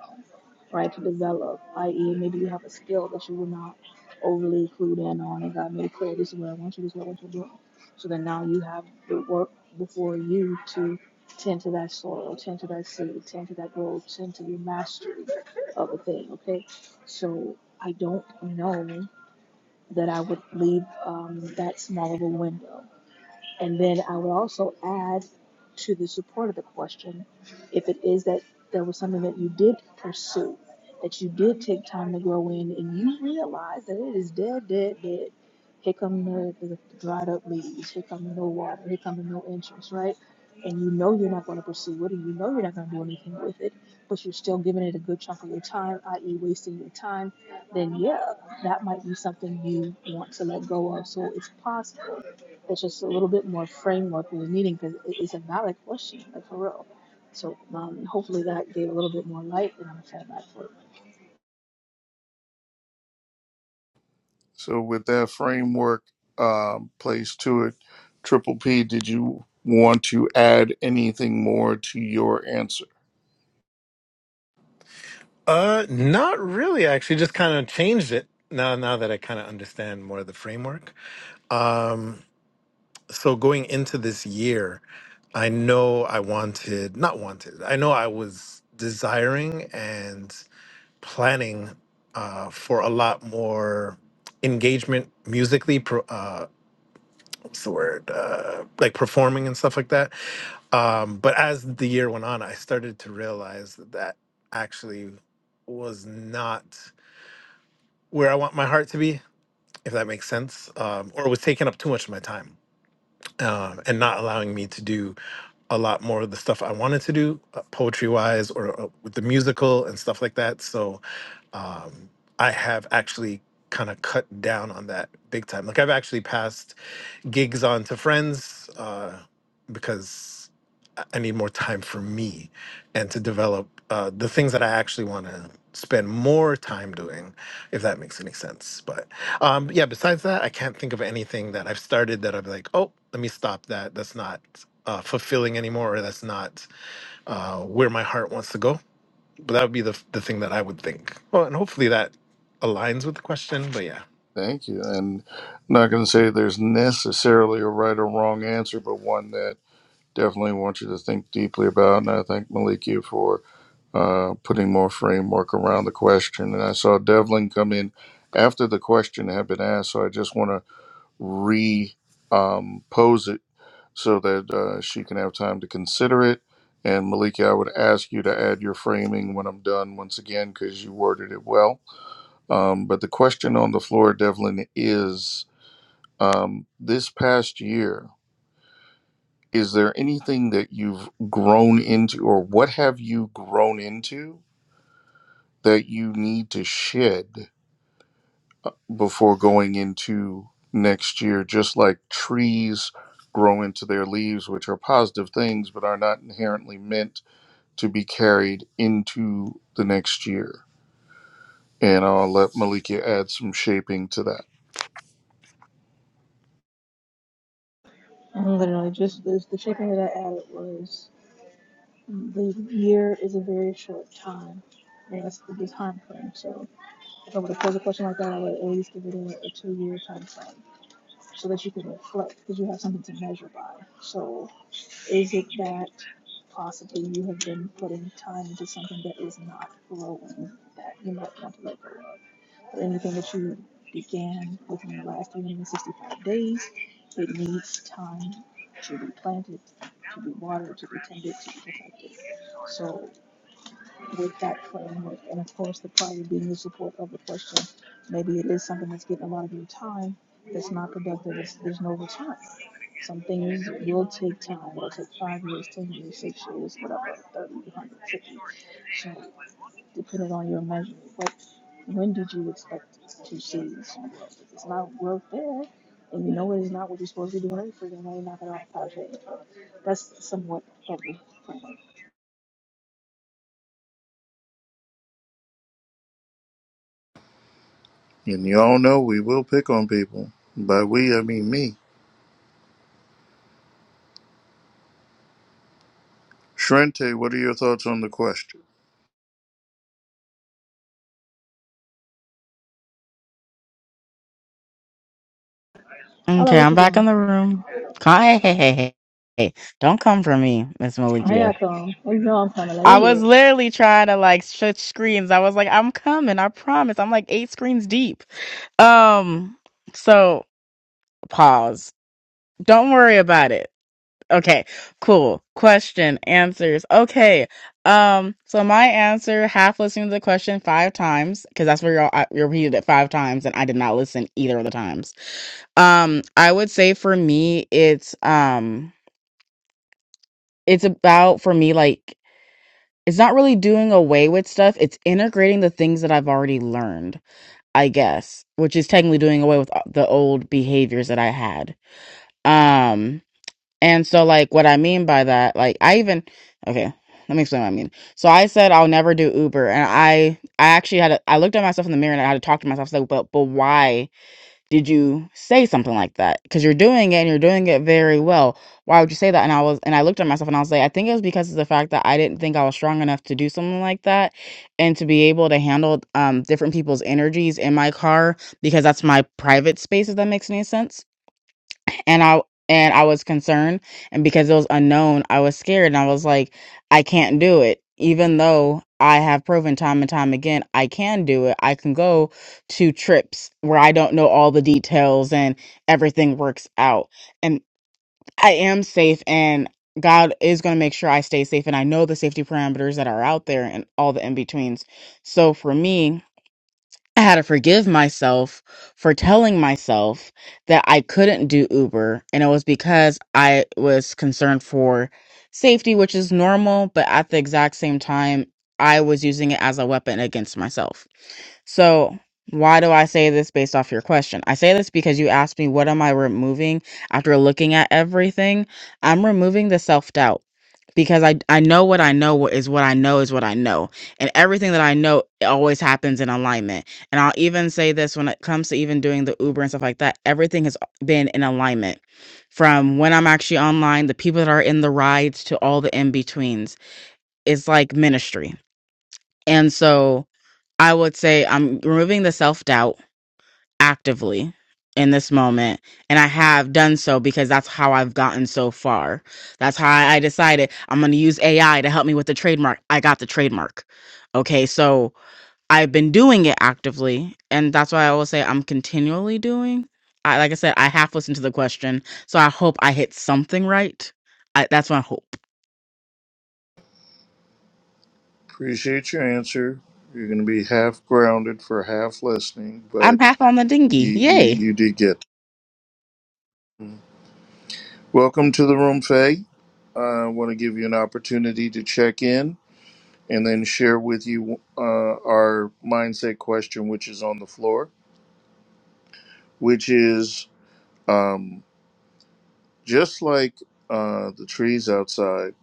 Speaker 2: right? To develop, i.e., maybe you have a skill that you were not overly clued in on, and God made it clear this is what I want you, this is what I want you to do. So then now you have the work before you to tend to that soil, tend to that seed, tend to that growth, tend to your mastery of a thing, okay? So I don't know that I would leave um, that small of a window. And then I would also add to the support of the question, if it is that there was something that you did pursue, that you did take time to grow in, and you realize that it is dead, dead, dead. Here come the, the dried up leaves. Here come no water. Here come no interest, right? And you know you're not going to pursue it, and you know you're not going to do anything with it, but you're still giving it a good chunk of your time, i.e., wasting your time. Then yeah, that might be something you want to let go of. So it's possible it's just a little bit more framework we were needing because it's a valid question, like for real. So um, hopefully that gave a little bit more light than I'm saying that for.
Speaker 1: So with that framework um, placed to it, Triple P, did you want to add anything more to your answer?
Speaker 6: uh not really actually just kind of changed it now now that i kind of understand more of the framework so going into this year, I know I wanted, not wanted, I know I was desiring and planning uh, for a lot more engagement musically, pro, uh, what's the word, uh, like performing and stuff like that. Um, but as the year went on, I started to realize that that actually was not where I want my heart to be, if that makes sense, um, or was taking up too much of my time um, and not allowing me to do a lot more of the stuff I wanted to do, uh, poetry wise, or uh, with the musical and stuff like that. So um, I have actually kind of cut down on that big time. Like I've actually passed gigs on to friends uh, because I I need more time for me and to develop uh, the things that I actually want to spend more time doing, if that makes any sense. But um, yeah, besides that, I can't think of anything that I've started that I'm like, oh, let me stop that. That's not uh, fulfilling anymore, or that's not uh, where my heart wants to go. But that would be the, the thing that I would think. Well, and hopefully that aligns with the question. But yeah.
Speaker 1: Thank you. And I'm not going to say there's necessarily a right or wrong answer, but one that definitely want you to think deeply about. And I thank Malikia for uh, putting more framework around the question. And I saw Devlin come in after the question had been asked, so I just want to re um, pose it so that uh, she can have time to consider it. And Malika, I would ask you to add your framing when I'm done once again because you worded it well. Um, but the question on the floor, Devlin, is um, this past year, is there anything that you've grown into, or what have you grown into that you need to shed uh, before going into next year? Just like trees grow into their leaves, which are positive things but are not inherently meant to be carried into the next year. And I'll let Malika add some shaping to that.
Speaker 2: And literally, just the, the short that I added was the year is a very short time. And that's the big time frame. So if I were to pose a question like that, I would at least give it a, a two year time frame so that you can reflect because you have something to measure by. So Is it that possibly you have been putting time into something that is not growing that you might want to let go of? But anything that you began within the last 365 days, it needs time to be planted, to be watered, to be tended, to be protected. So with that framework. And of course, the prior being the support of the question. Maybe it is something that's getting a lot of your time that's not productive. It's, there's no return. Some things will take time. It'll take five years, ten years, six years, whatever, 30, 150. So, depending on your measurement. But when did you expect to see some growth? If it's not growth there, and you know it is not what you're supposed to be doing, then freaking way, knock it off the project. That's somewhat heavy framework.
Speaker 1: And y'all know we will pick on people. By we, I mean me. Shrente, what are your thoughts on the question?
Speaker 2: I like
Speaker 5: Okay,
Speaker 2: what
Speaker 5: I'm
Speaker 2: you're
Speaker 5: back
Speaker 2: doing.
Speaker 5: in the room. Ca- Hey, hey, hey, hey. hey. Don't come for me, Miss
Speaker 2: Hey,
Speaker 5: Malikia.
Speaker 2: I come. Well, you know I'm coming. Like, where
Speaker 5: I
Speaker 2: you
Speaker 5: was
Speaker 2: at?
Speaker 5: literally trying to like switch screens. I was like, I'm coming, I promise. I'm like eight screens deep. Um, so pause. Don't worry about it. Okay, cool. Question, answers. Okay. Um, so my answer, half listening to the question five times, because that's where y'all I, you repeated it five times, and I did not listen either of the times. Um, I would say for me, it's um, it's about for me like It's not really doing away with stuff. It's integrating the things that I've already learned, I guess, which is technically doing away with uh, the old behaviors that I had. Um, and so like what I mean by that, like I even okay, let me explain what I mean. So I said I'll never do Uber, and I I actually had a, I looked at myself in the mirror and I had to talk to myself. I was like, but but why? did you say something like that because you're doing it and you're doing it very well why would you say that and i was and i looked at myself and i was like i think it was because of the fact that i didn't think i was strong enough to do something like that and to be able to handle um different people's energies in my car because that's my private space if that makes any sense and I and I was concerned and because it was unknown, I was scared and I was like, I can't do it. Even though I have proven time and time again I can do it. I can go to trips where I don't know all the details and everything works out. And I am safe and God is going to make sure I stay safe and I know the safety parameters that are out there and all the in-betweens. So for me, I had to forgive myself for telling myself that I couldn't do Uber. And it was because I was concerned for safety, which is normal. But at the exact same time, I was using it as a weapon against myself. So, why do I say this based off your question? I say this because you asked me, what am I removing after looking at everything? I'm removing the self doubt because I, I know what I know What is what I know is what I know. And everything that I know it always happens in alignment. And I'll even say this when it comes to even doing the Uber and stuff like that, everything has been in alignment from when I'm actually online, the people that are in the rides to all the in betweens. It's like ministry. And so, I would say I'm removing the self doubt actively in this moment. And I have done so because that's how I've gotten so far. That's how I decided I'm going to use AI to help me with the trademark. I got the trademark. Okay. So I've been doing it actively. And that's why I will say I'm continually doing. I, like I said, I half listened to the question. So I hope I hit something right. I, that's my hope.
Speaker 1: Appreciate your answer. You're going to be half grounded for half listening,
Speaker 5: I'm
Speaker 1: but
Speaker 5: half on the
Speaker 1: you,
Speaker 5: dinghy.
Speaker 1: you,
Speaker 5: Yay.
Speaker 1: you did get. it. Welcome to the room, Faye. I want to give you an opportunity to check in and then share with you uh, our mindset question, which is on the floor, which is Um, just like uh, the trees outside,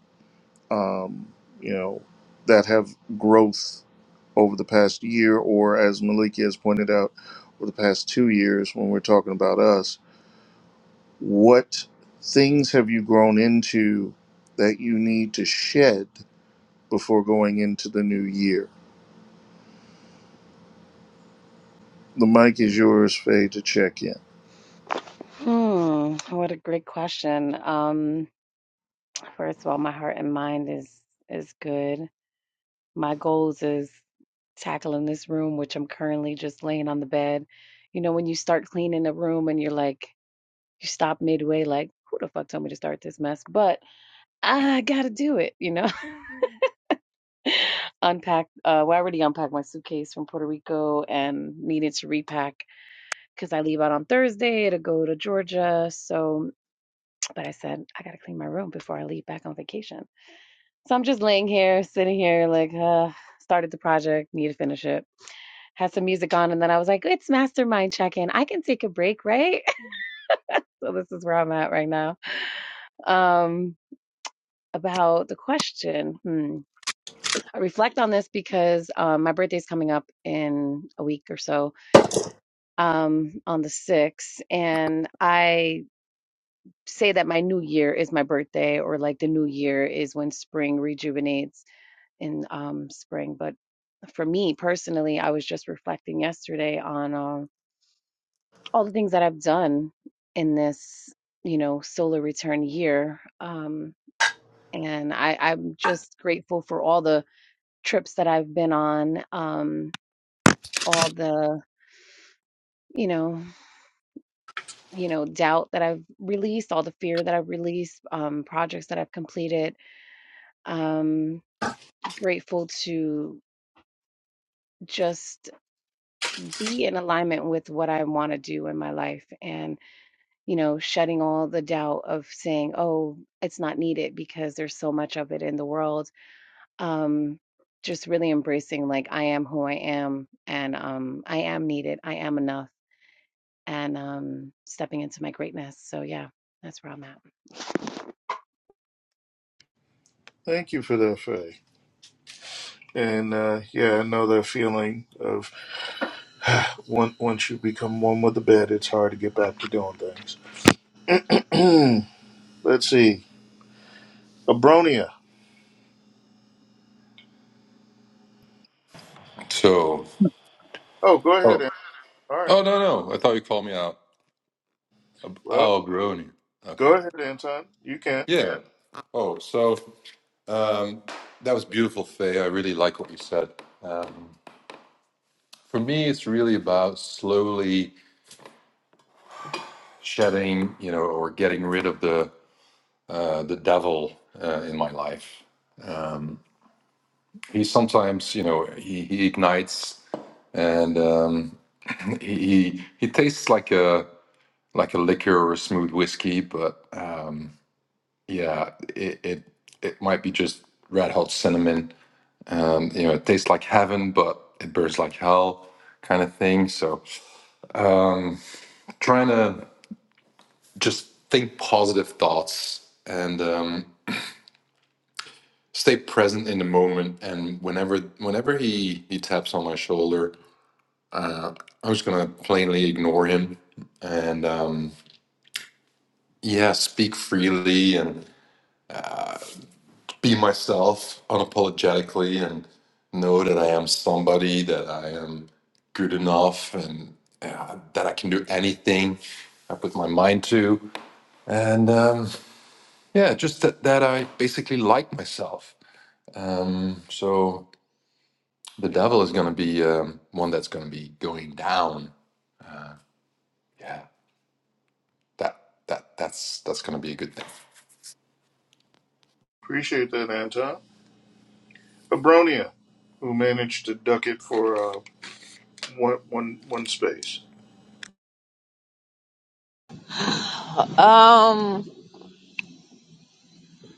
Speaker 1: um, you know, that have growth over the past year, or as Maliki has pointed out, over the past two years when we're talking about us, what things have you grown into that you need to shed before going into the new year? The mic is yours, Faye, to check in.
Speaker 8: Hmm, what a great question. Um, first of all, my heart and mind is is good. My goals is tackling this room, which I'm currently just laying on the bed. You know, when you start cleaning a room and you're like, you stop midway, like, who the fuck told me to start this mess? But I gotta do it, you know. [laughs] Unpack, uh, well, I already unpacked my suitcase from Puerto Rico and needed to repack because I leave out on Thursday to go to Georgia. So But I said, I gotta clean my room before I leave back on vacation. So I'm just laying here, sitting here, like, uh, started the project, need to finish it. Had some music on, and then I was like, it's mastermind check in. I can take a break, right? [laughs] so this is where I'm at right now. Um, about the question, hmm. I reflect on this because um, my birthday's coming up in a week or so, um, on the 6th, and I say that my new year is my birthday, or like the new year is when spring rejuvenates in um, spring. But for me personally, I was just reflecting yesterday on uh, all the things that I've done in this, you know, solar return year. Um, and I, I'm just grateful for all the trips that I've been on, um, all the, you know, you know, doubt that I've released, all the fear that I've released, um, projects that I've completed. Um, grateful to just be in alignment with what I want to do in my life. And you know, shedding all the doubt of saying, oh, it's not needed because there's so much of it in the world. Um, just really embracing like I am who I am and um I am needed, I am enough and um, stepping into my greatness. So yeah, that's where I'm at.
Speaker 1: Thank you for that, Faye. And uh, yeah, I know that feeling of Once once you become one with the bed, it's hard to get back to doing things. Let's see. Abronia.
Speaker 7: So.
Speaker 1: Oh, go
Speaker 7: Oh.
Speaker 1: ahead. Anton. All right.
Speaker 7: Oh no no! I thought you called me out. Ab-
Speaker 1: Well,
Speaker 7: Oh, Brony.
Speaker 1: go
Speaker 7: Okay.
Speaker 1: ahead, Anton. You can.
Speaker 7: Yeah. Oh, so um, that was beautiful, Faye. I really like what you said. Um, for me, it's really about slowly shedding, you know, or getting rid of the uh, the devil uh, in my life. He sometimes, you know, he, he ignites and um, he he he tastes like a like a liquor or a smooth whiskey, but. Um, Yeah, it it, it might be just red hot cinnamon. Um, you know, it tastes like heaven, but it burns like hell, kind of thing. So, um, trying to just think positive thoughts and um, stay present in the moment. And whenever whenever he he taps on my shoulder, I'm just gonna plainly ignore him and um, yeah, speak freely and. be myself unapologetically and know that I am somebody, that I am good enough, and uh, that I can do anything I put my mind to. And um, yeah, just that, that I basically like myself. Um, so the devil is going to be um, one that's going to be going down. Yeah, that that that's that's going to be a good thing.
Speaker 1: Appreciate that, Anton. Abronia, who managed to duck it for uh, one, one, one space.
Speaker 3: Um,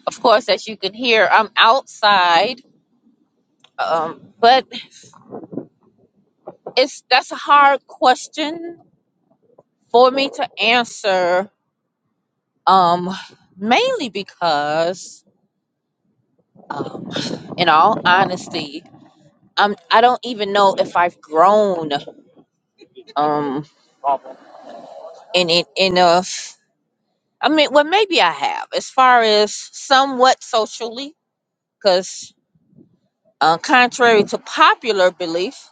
Speaker 3: of course, as you can hear, I'm outside. Um, but it's that's a hard question for me to answer. Um, mainly because, um, in all honesty, I'm I don't even know if I've grown um in it enough. I mean, well, maybe I have as far as somewhat socially, because uh, contrary to popular belief,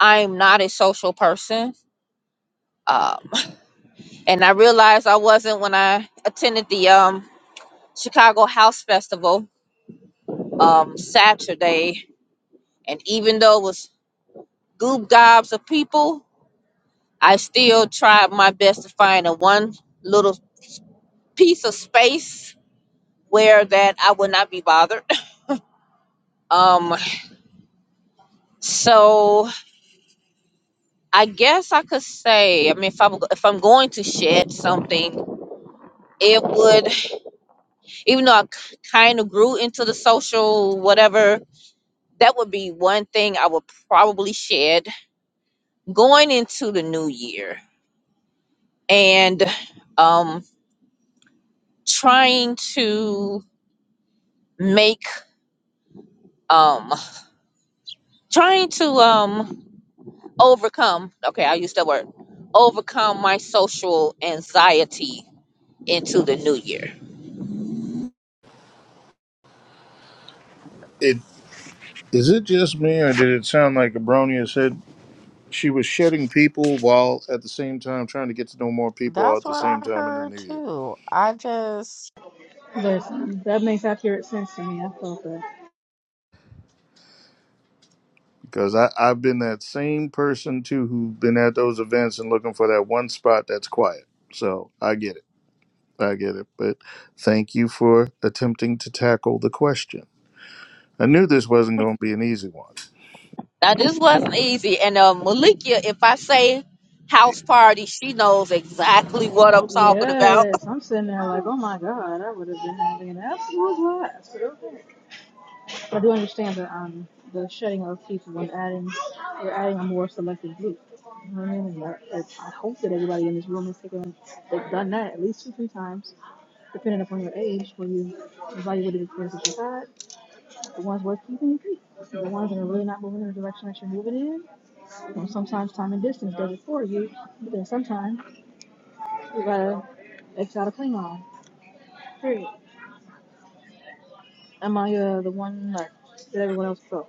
Speaker 3: I'm not a social person. Um, [laughs] and I realized I wasn't when I attended the um, Chicago House Festival um, Saturday. And even though it was goob gobs of people, I still tried my best to find a one little piece of space where that I would not be bothered. [laughs] Um, so I guess I could say, I mean, if I'm if I'm going to shed something, it would, even though I kind of grew into the social whatever, that would be one thing I would probably shed going into the new year and um trying to make um trying to um overcome okay i use that word overcome my social anxiety into the new year.
Speaker 1: It is it just me, or did it sound like Abronia said she was shedding people while at the same time trying to get to know more people
Speaker 5: That's
Speaker 1: at the
Speaker 5: what
Speaker 1: same
Speaker 5: I
Speaker 1: time in the
Speaker 5: heard
Speaker 1: new year?
Speaker 5: too. I just
Speaker 2: Listen, that makes accurate sense to me. I felt that.
Speaker 1: Because I I've been that same person too who's been at those events and looking for that one spot that's quiet. So I get it. I get it. But thank you for attempting to tackle the question. I knew this wasn't going to be an easy one.
Speaker 3: Now this wasn't easy, and uh, Malikia, if I say house party, she knows exactly what I'm talking about.
Speaker 2: Yes, I'm sitting there like, oh my god, I would have been having an absolute blast. But okay. I do understand the um the shedding of people and adding you're adding a more selective group. You know what I mean? And that- that- I hope that everybody in this room has taken they've done that at least two three times, depending upon your age, where you evaluated the experience that you had, the ones worth keeping you keep. The ones that are really not moving in the direction that you're moving in, And sometimes time and distance does it for you, but then sometimes you gotta X out a cling on. Period. Am I uh, the one that did everyone else go?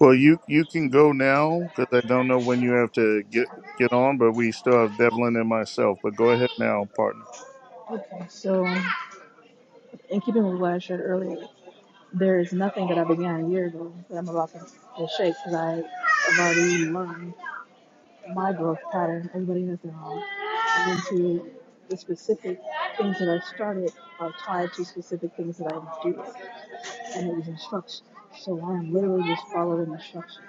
Speaker 1: Well, you you can go now because I don't know when you have to get get on, but we still have Devlin and myself. But go ahead now, partner.
Speaker 2: Okay, so in keeping with what I shared earlier, there is nothing that I began a year ago that I'm about to, to shake because I have already learned my growth pattern. Everybody has their own. And then to the specific things that I started are tied to specific things that I do, and it was instruction. So I am literally just following instruction.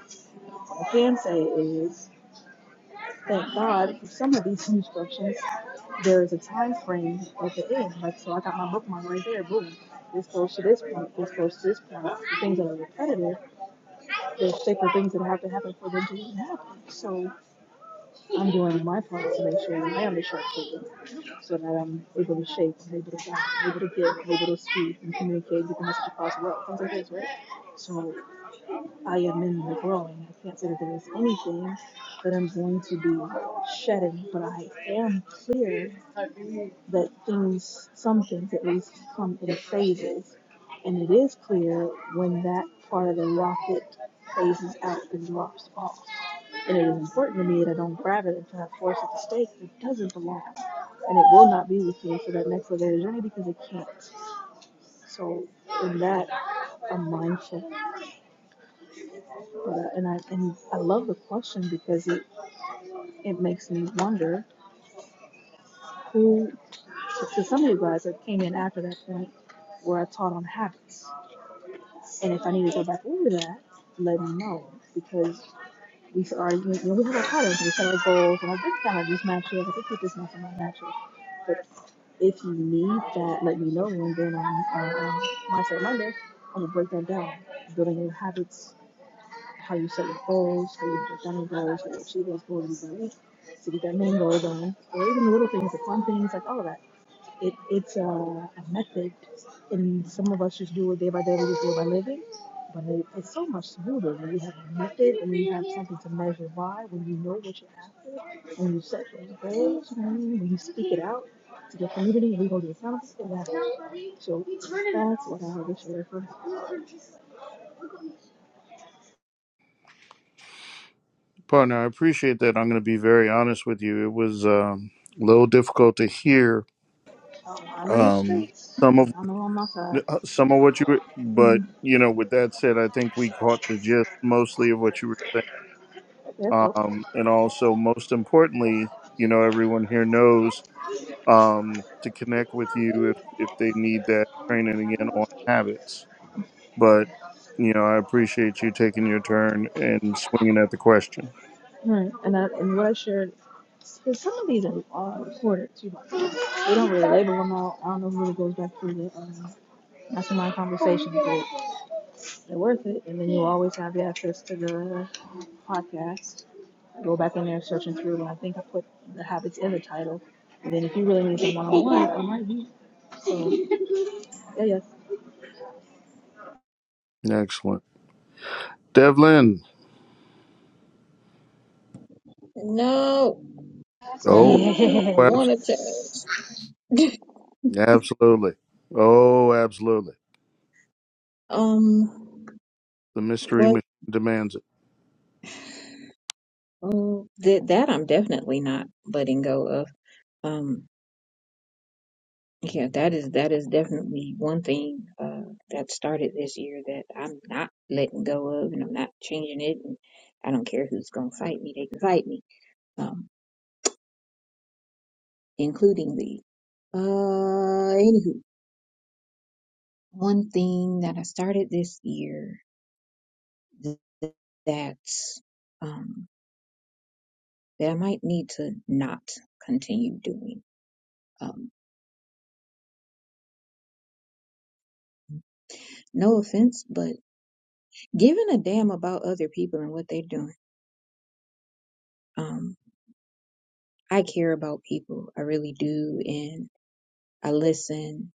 Speaker 2: What I can say is, thank God for some of these instructions. There is a time frame at the end. Like, so I got my bookmark right there. Boom. This goes to this point. This goes to this point. The things that are repetitive, there's sacred things that have to happen for them to even happen. So I'm doing my part to make sure that I am a sharpshooter, so that I'm able to shape, I'm able to guide, I'm able to give, I'm able to speak and communicate, get the message across well. Things like this, right? So I am in the growing. I can't say that there is anything that I'm going to be shedding, but I am clear that things, some things at least, come in phases. And it is clear when that part of the rocket phases out and drops off. And it is important to me that I don't grab it and try to force it to stay because it doesn't belong. And it will not be with me for that next leg of the journey because it can't. So in that, I'm mindful Yeah, and I and I love the question because it it makes me wonder who to some of you guys that came in after that point where I taught on habits, and if I need to go back over that, let me know because we are you know we have our patterns, we set our goals, and I did kind of just match it. I think we just match it match But if you need that, let me know, and then on on, um, Mindset Monday, I'm gonna break that down, building your habits how you set your goals, how you break down goals, how you achieve those goals in the week, so you get that main goal done, or even the little things, the fun things, like all of that. It, it's a, a method, and some of us just do it day by day, we just do it by living. But it, it's so much smoother when you have a method and you have something to measure by, when you know what you're after, when you set your goals, you know what I mean? when you speak it out to your community, and you hold yourself to that. So that's what I have to share for.
Speaker 1: Partner, I appreciate that. I'm going to be very honest with you. It was um, a little difficult to hear
Speaker 2: Um, I'm in the
Speaker 1: um,
Speaker 2: streets.
Speaker 1: some of
Speaker 2: I am on my side.
Speaker 1: Uh, Some of what you were, but you know, with that said, I think we caught the gist mostly of what you were
Speaker 2: That's
Speaker 1: saying.
Speaker 2: all.
Speaker 1: Um, and also, most importantly, you know, everyone here knows um, to connect with you if, if they need that training again on habits. But, you know, I appreciate you taking your turn and swinging at the question.
Speaker 2: Right, and I, and what I shared, because some of these are uh, recorded too. We don't really label them all. I don't know who it really goes back to the um, mastermind conversation, but they're worth it. And then you always have the access to the podcast. Go back in there, searching through, and I think I put the habits in the title. And then if you really need some one on one, I might be. So yeah, yes,
Speaker 1: Excellent. Devlin.
Speaker 4: No, I
Speaker 1: Oh,
Speaker 4: don't
Speaker 1: oh abs-
Speaker 4: want to
Speaker 2: yes.
Speaker 4: change. [laughs]
Speaker 1: absolutely. Oh, absolutely.
Speaker 4: Um,
Speaker 1: The mystery
Speaker 4: what?
Speaker 1: machine demands it.
Speaker 4: Uh, that that I'm definitely not letting go of. Um, yeah, that is that is definitely one thing uh that started this year that I'm not letting go of, and I'm not changing it. And I don't care who's gonna fight me; they can fight me, um, including the. Uh, anywho, one thing that I started this year th- that um that I might need to not continue doing. Um, no offense, but giving a damn about other people and what they're doing. Um, I care about people. I really do. And I listen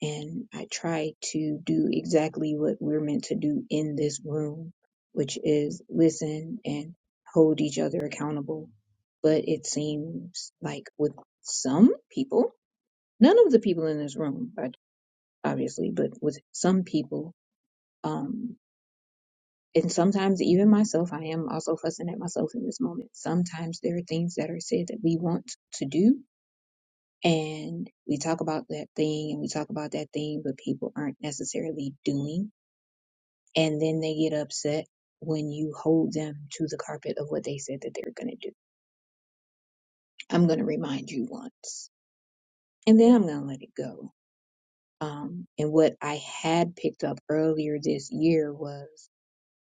Speaker 4: and I try to do exactly what we're meant to do in this room, which is listen and hold each other accountable. But it seems like with some people, none of the people in this room, but obviously, but with some people, um, and sometimes even myself i am also fussing at myself in this moment sometimes there are things that are said that we want to do and we talk about that thing and we talk about that thing but people aren't necessarily doing and then they get upset when you hold them to the carpet of what they said that they're going to do i'm going to remind you once and then i'm going to let it go um, and what i had picked up earlier this year was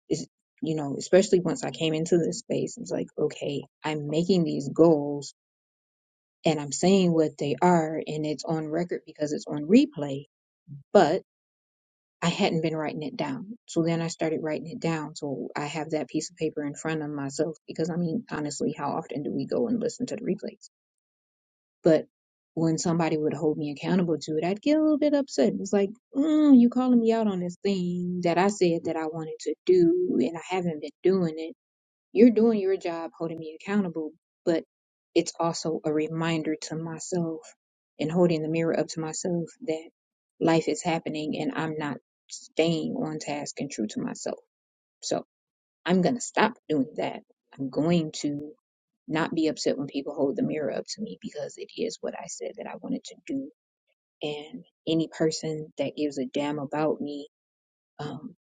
Speaker 4: It's, you know, especially once I came into this space, it's like, okay, I'm making these goals and I'm saying what they are and it's on record because it's on replay, but I hadn't been writing it down. So then I started writing it down. So I have that piece of paper in front of myself because I mean, honestly, how often do we go and listen to the replays? But when somebody would hold me accountable to it, I'd get a little bit upset. It's like, mm, you calling me out on this thing that I said that I wanted to do and I haven't been doing it You're doing your job, holding me accountable, but it's also a reminder to myself and holding the mirror up to myself that life is happening and I'm not staying on task and true to myself. So I'm going to stop doing that. I'm going to not be upset when people hold the mirror up to me because it is what I said that I wanted to do. And any person that gives a damn about me um,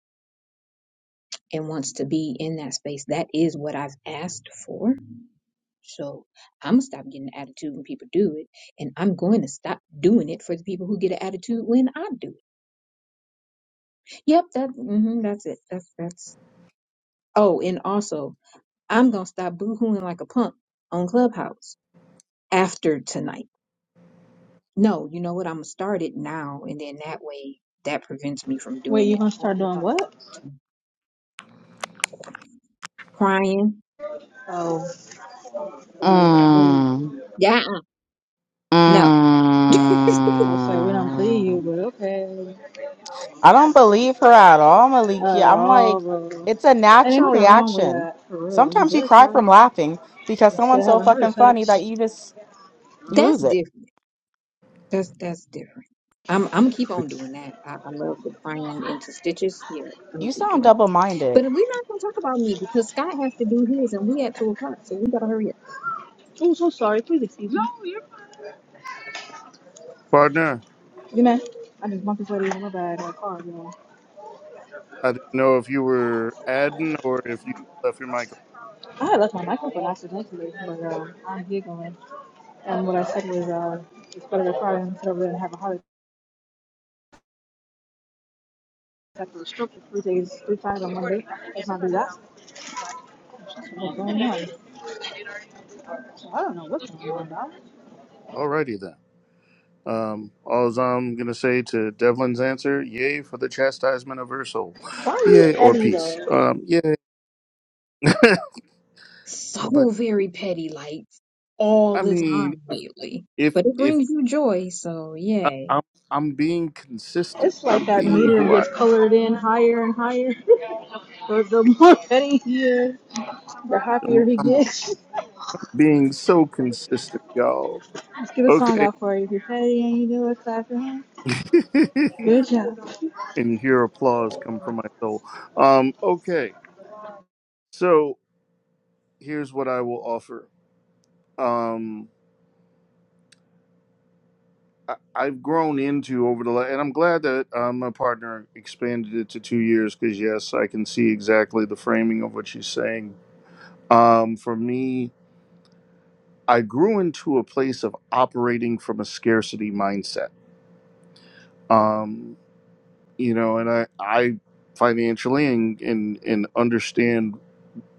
Speaker 4: and wants to be in that space, that is what I've asked for. So I'm gonna stop getting an attitude when people do it, and I'm going to stop doing it for the people who get an attitude when I do it. Yep, that hmm that's it. That's that's. Oh, and also, I'm gonna stop boohooing like a punk on Clubhouse after tonight. No, you know what? I'm gonna start it now, and then that way, that prevents me from
Speaker 2: Wait,
Speaker 4: doing
Speaker 2: you
Speaker 4: it.
Speaker 2: gonna start doing what?
Speaker 4: Crying.
Speaker 2: Oh,
Speaker 4: Mm, mm.
Speaker 5: Mm,
Speaker 4: Yeah. No, [laughs]
Speaker 2: I'll say we don't plead you,
Speaker 5: mm.
Speaker 2: but okay,
Speaker 5: I don't believe her at all,
Speaker 2: not at
Speaker 5: Malikia. I'm
Speaker 2: all,
Speaker 5: like,
Speaker 2: bro.
Speaker 5: it's a
Speaker 2: And ain't
Speaker 5: natural
Speaker 2: nothing wrong with
Speaker 5: reaction.
Speaker 2: that, for real. You
Speaker 5: Sometimes you
Speaker 2: better
Speaker 5: cry
Speaker 2: try
Speaker 5: from laughing because
Speaker 2: instead
Speaker 5: someone's
Speaker 2: of
Speaker 5: so
Speaker 2: having heart
Speaker 5: fucking funny that
Speaker 2: attacks.
Speaker 5: you just you
Speaker 4: that's
Speaker 5: lose it.
Speaker 4: different. That's that's different. I'm I'm keep on doing that. I, I love the crying into stitches. Yeah, I'm
Speaker 5: You
Speaker 4: keep
Speaker 5: sound
Speaker 4: doing it.
Speaker 5: double-minded.
Speaker 4: But we're not gonna talk about me because Scott has to do his and we at two o'clock, so we gotta hurry up.
Speaker 2: Oh, so sorry. Please excuse me.
Speaker 1: Partner.
Speaker 2: You know, I just bumped into lady in my bag in my car, you know.
Speaker 1: I didn't know if you were adding or if you left your mic.
Speaker 2: I had left my microphone accidentally, but uh, I'm giggling. And what I said was, uh, it's better to try instead sit over have a heart attack or a stroke for three days, three times on Monday. Let's not do that. So what's going on? I don't know what's going on, dog.
Speaker 1: Alrighty then. Um, all I'm gonna say to Devlin's answer: Yay for the chastisement of her soul,
Speaker 2: Why are
Speaker 1: yay
Speaker 2: we
Speaker 1: or
Speaker 2: petty,
Speaker 1: peace.
Speaker 2: though?
Speaker 1: Um, yay. [laughs] but
Speaker 4: So very petty, like all
Speaker 1: I
Speaker 4: the
Speaker 1: mean,
Speaker 4: time
Speaker 1: if
Speaker 4: lately.
Speaker 1: if
Speaker 4: But it
Speaker 1: if
Speaker 4: brings you joy, so
Speaker 1: I,
Speaker 4: yeah.
Speaker 1: I'm I'm being consistent,
Speaker 2: It's like
Speaker 1: I'm
Speaker 2: that
Speaker 1: being
Speaker 2: meter
Speaker 1: who I
Speaker 2: gets colored in higher and higher. [laughs] the, the more petty he is, the happier
Speaker 1: am.
Speaker 2: he
Speaker 1: I'm
Speaker 2: gets.
Speaker 1: being so consistent, y'all.
Speaker 2: Let's get a song
Speaker 1: Okay.
Speaker 2: out for you. If you're ready and you do it, clap your hands.
Speaker 1: [laughs] and
Speaker 2: Good job.
Speaker 1: you hear applause come from my soul. Um, okay. So here's what I will offer. Um, I- I've grown into over the la- and I'm glad that uh, my partner expanded it to two years because yes, I can see exactly the framing of what she's saying. Um, for me, I grew into a place of operating from a scarcity mindset. Um, you know, and I I financially and and and understand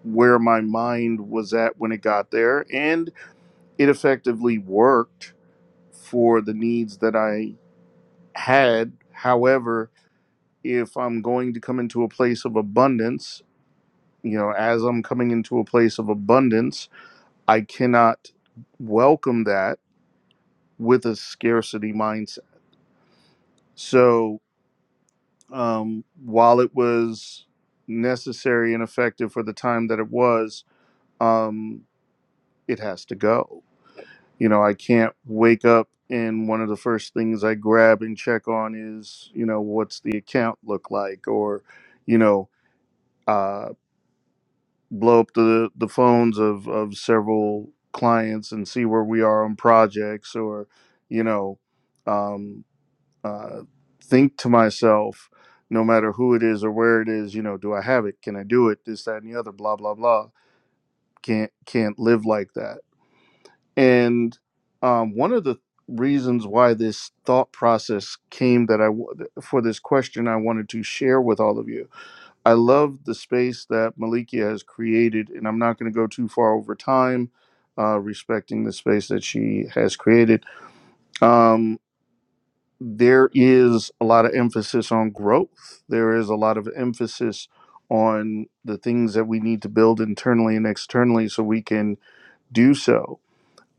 Speaker 1: where my mind was at when it got there, and it effectively worked for the needs that I had. However, if I'm going to come into a place of abundance, you know, as I'm coming into a place of abundance, I cannot welcome that with a scarcity mindset. So, um, while it was necessary and effective for the time that it was, um, it has to go. You know, I can't wake up and one of the first things I grab and check on is, you know, what's the account look like or, you know, uh, blow up the the phones of of several clients and see where we are on projects or you know um, uh, think to myself no matter who it is or where it is you know do i have it can i do it this that and the other blah blah blah can't can't live like that and um, one of the reasons why this thought process came that I for this question i wanted to share with all of you I love the space that Malikia has created, and I'm not going to go too far over time, uh, respecting the space that she has created. Um, there is a lot of emphasis on growth. There is a lot of emphasis on the things that we need to build internally and externally so we can do so.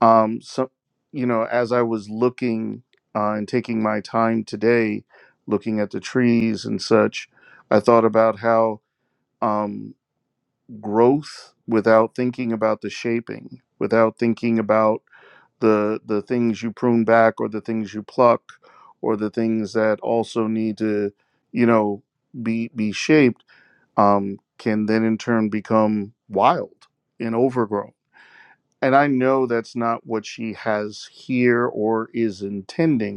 Speaker 1: Um, so, you know, as I was looking uh, and taking my time today, looking at the trees and such, I thought about how. Um, growth without thinking about the shaping, without thinking about the the things you prune back or the things you pluck or the things that also need to, you know, be be shaped, um, can then in turn become wild and overgrown. And I know that's not what she has here or is intending,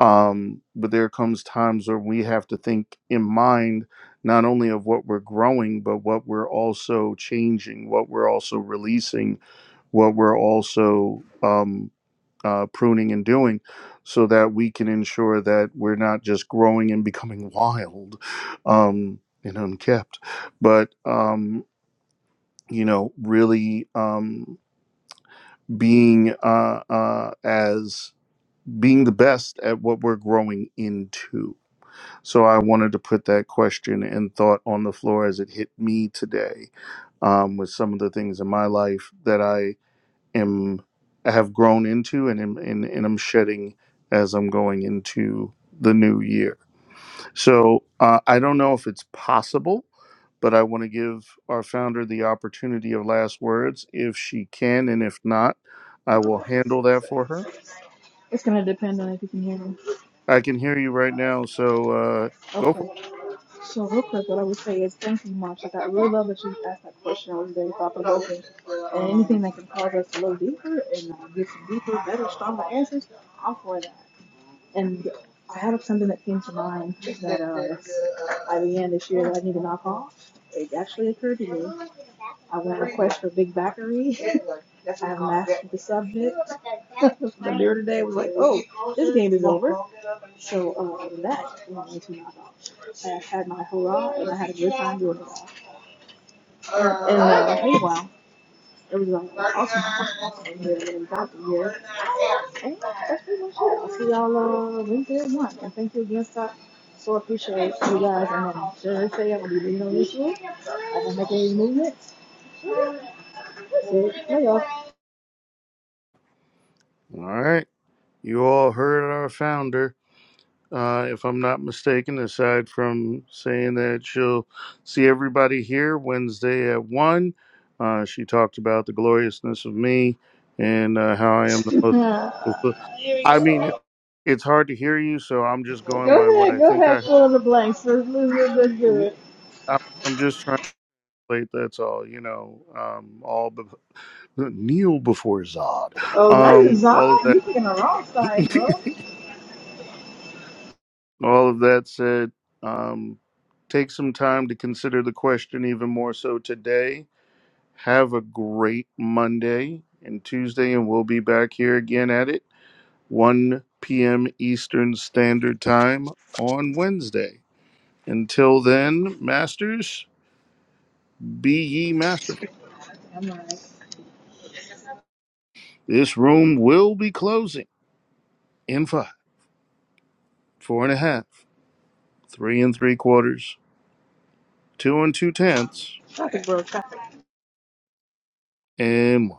Speaker 1: um, but there comes times where we have to think in mind not only of what we're growing but what we're also changing what we're also releasing what we're also um, uh, pruning and doing so that we can ensure that we're not just growing and becoming wild um, and unkept but um, you know really um, being uh, uh, as being the best at what we're growing into So I wanted to put that question and thought on the floor as it hit me today um, with some of the things in my life that I am have grown into and am, and, and I'm shedding as I'm going into the new year. So uh, I don't know if it's possible, but I want to give our founder the opportunity of last words if she can, and if not, I will handle that for her.
Speaker 2: It's gonna depend on if you can hear me.
Speaker 1: I can hear you right now, so uh, go for
Speaker 2: Okay. So real quick, what I would say is thank you, Mom. Like I really love that you asked that question. I was very thought provoking. And anything that can cause us to look deeper and uh, get some deeper, better, stronger answers, I'm for that. And I have something that came to mind that uh, I began this year that I need to knock off. It actually occurred to me. I went on a quest for Big Backery. [laughs] I mastered the subject. [laughs] the beer today was like, oh, this game is over. So um, that I'm knock off. I had my hurrah and I had a good time doing it all. And uh, hey, wow. It was like awesome, awesome, awesome year. It was awesome year. And that's pretty much it. I'll see y'all uh, Wednesday at one. And thank you again, Stock. So appreciate you guys. And I'm sure they say I'm gonna be leaving on this year. I don't make any movements. So, Bye, y'all.
Speaker 1: it. All right. You all heard our founder, uh, if I'm not mistaken, aside from saying that she'll see everybody here Wednesday at 1. Uh, she talked about the gloriousness of me and uh, how I am the most. I mean, it- it's hard to hear you, so I'm just going by what I think I heard. I'm I'm just trying to relate, that's all, you know, um, all the kneel [laughs] before Zod, um, all of that. [laughs] All of that said, um, take some time to consider the question even more so today. Have a great Monday and Tuesday, and we'll be back here again at it 1 p.m. Eastern Standard Time on Wednesday. Until then, masters, be ye masterful. This room will be closing in five, four and a half, three and three quarters, two and two tenths, and one.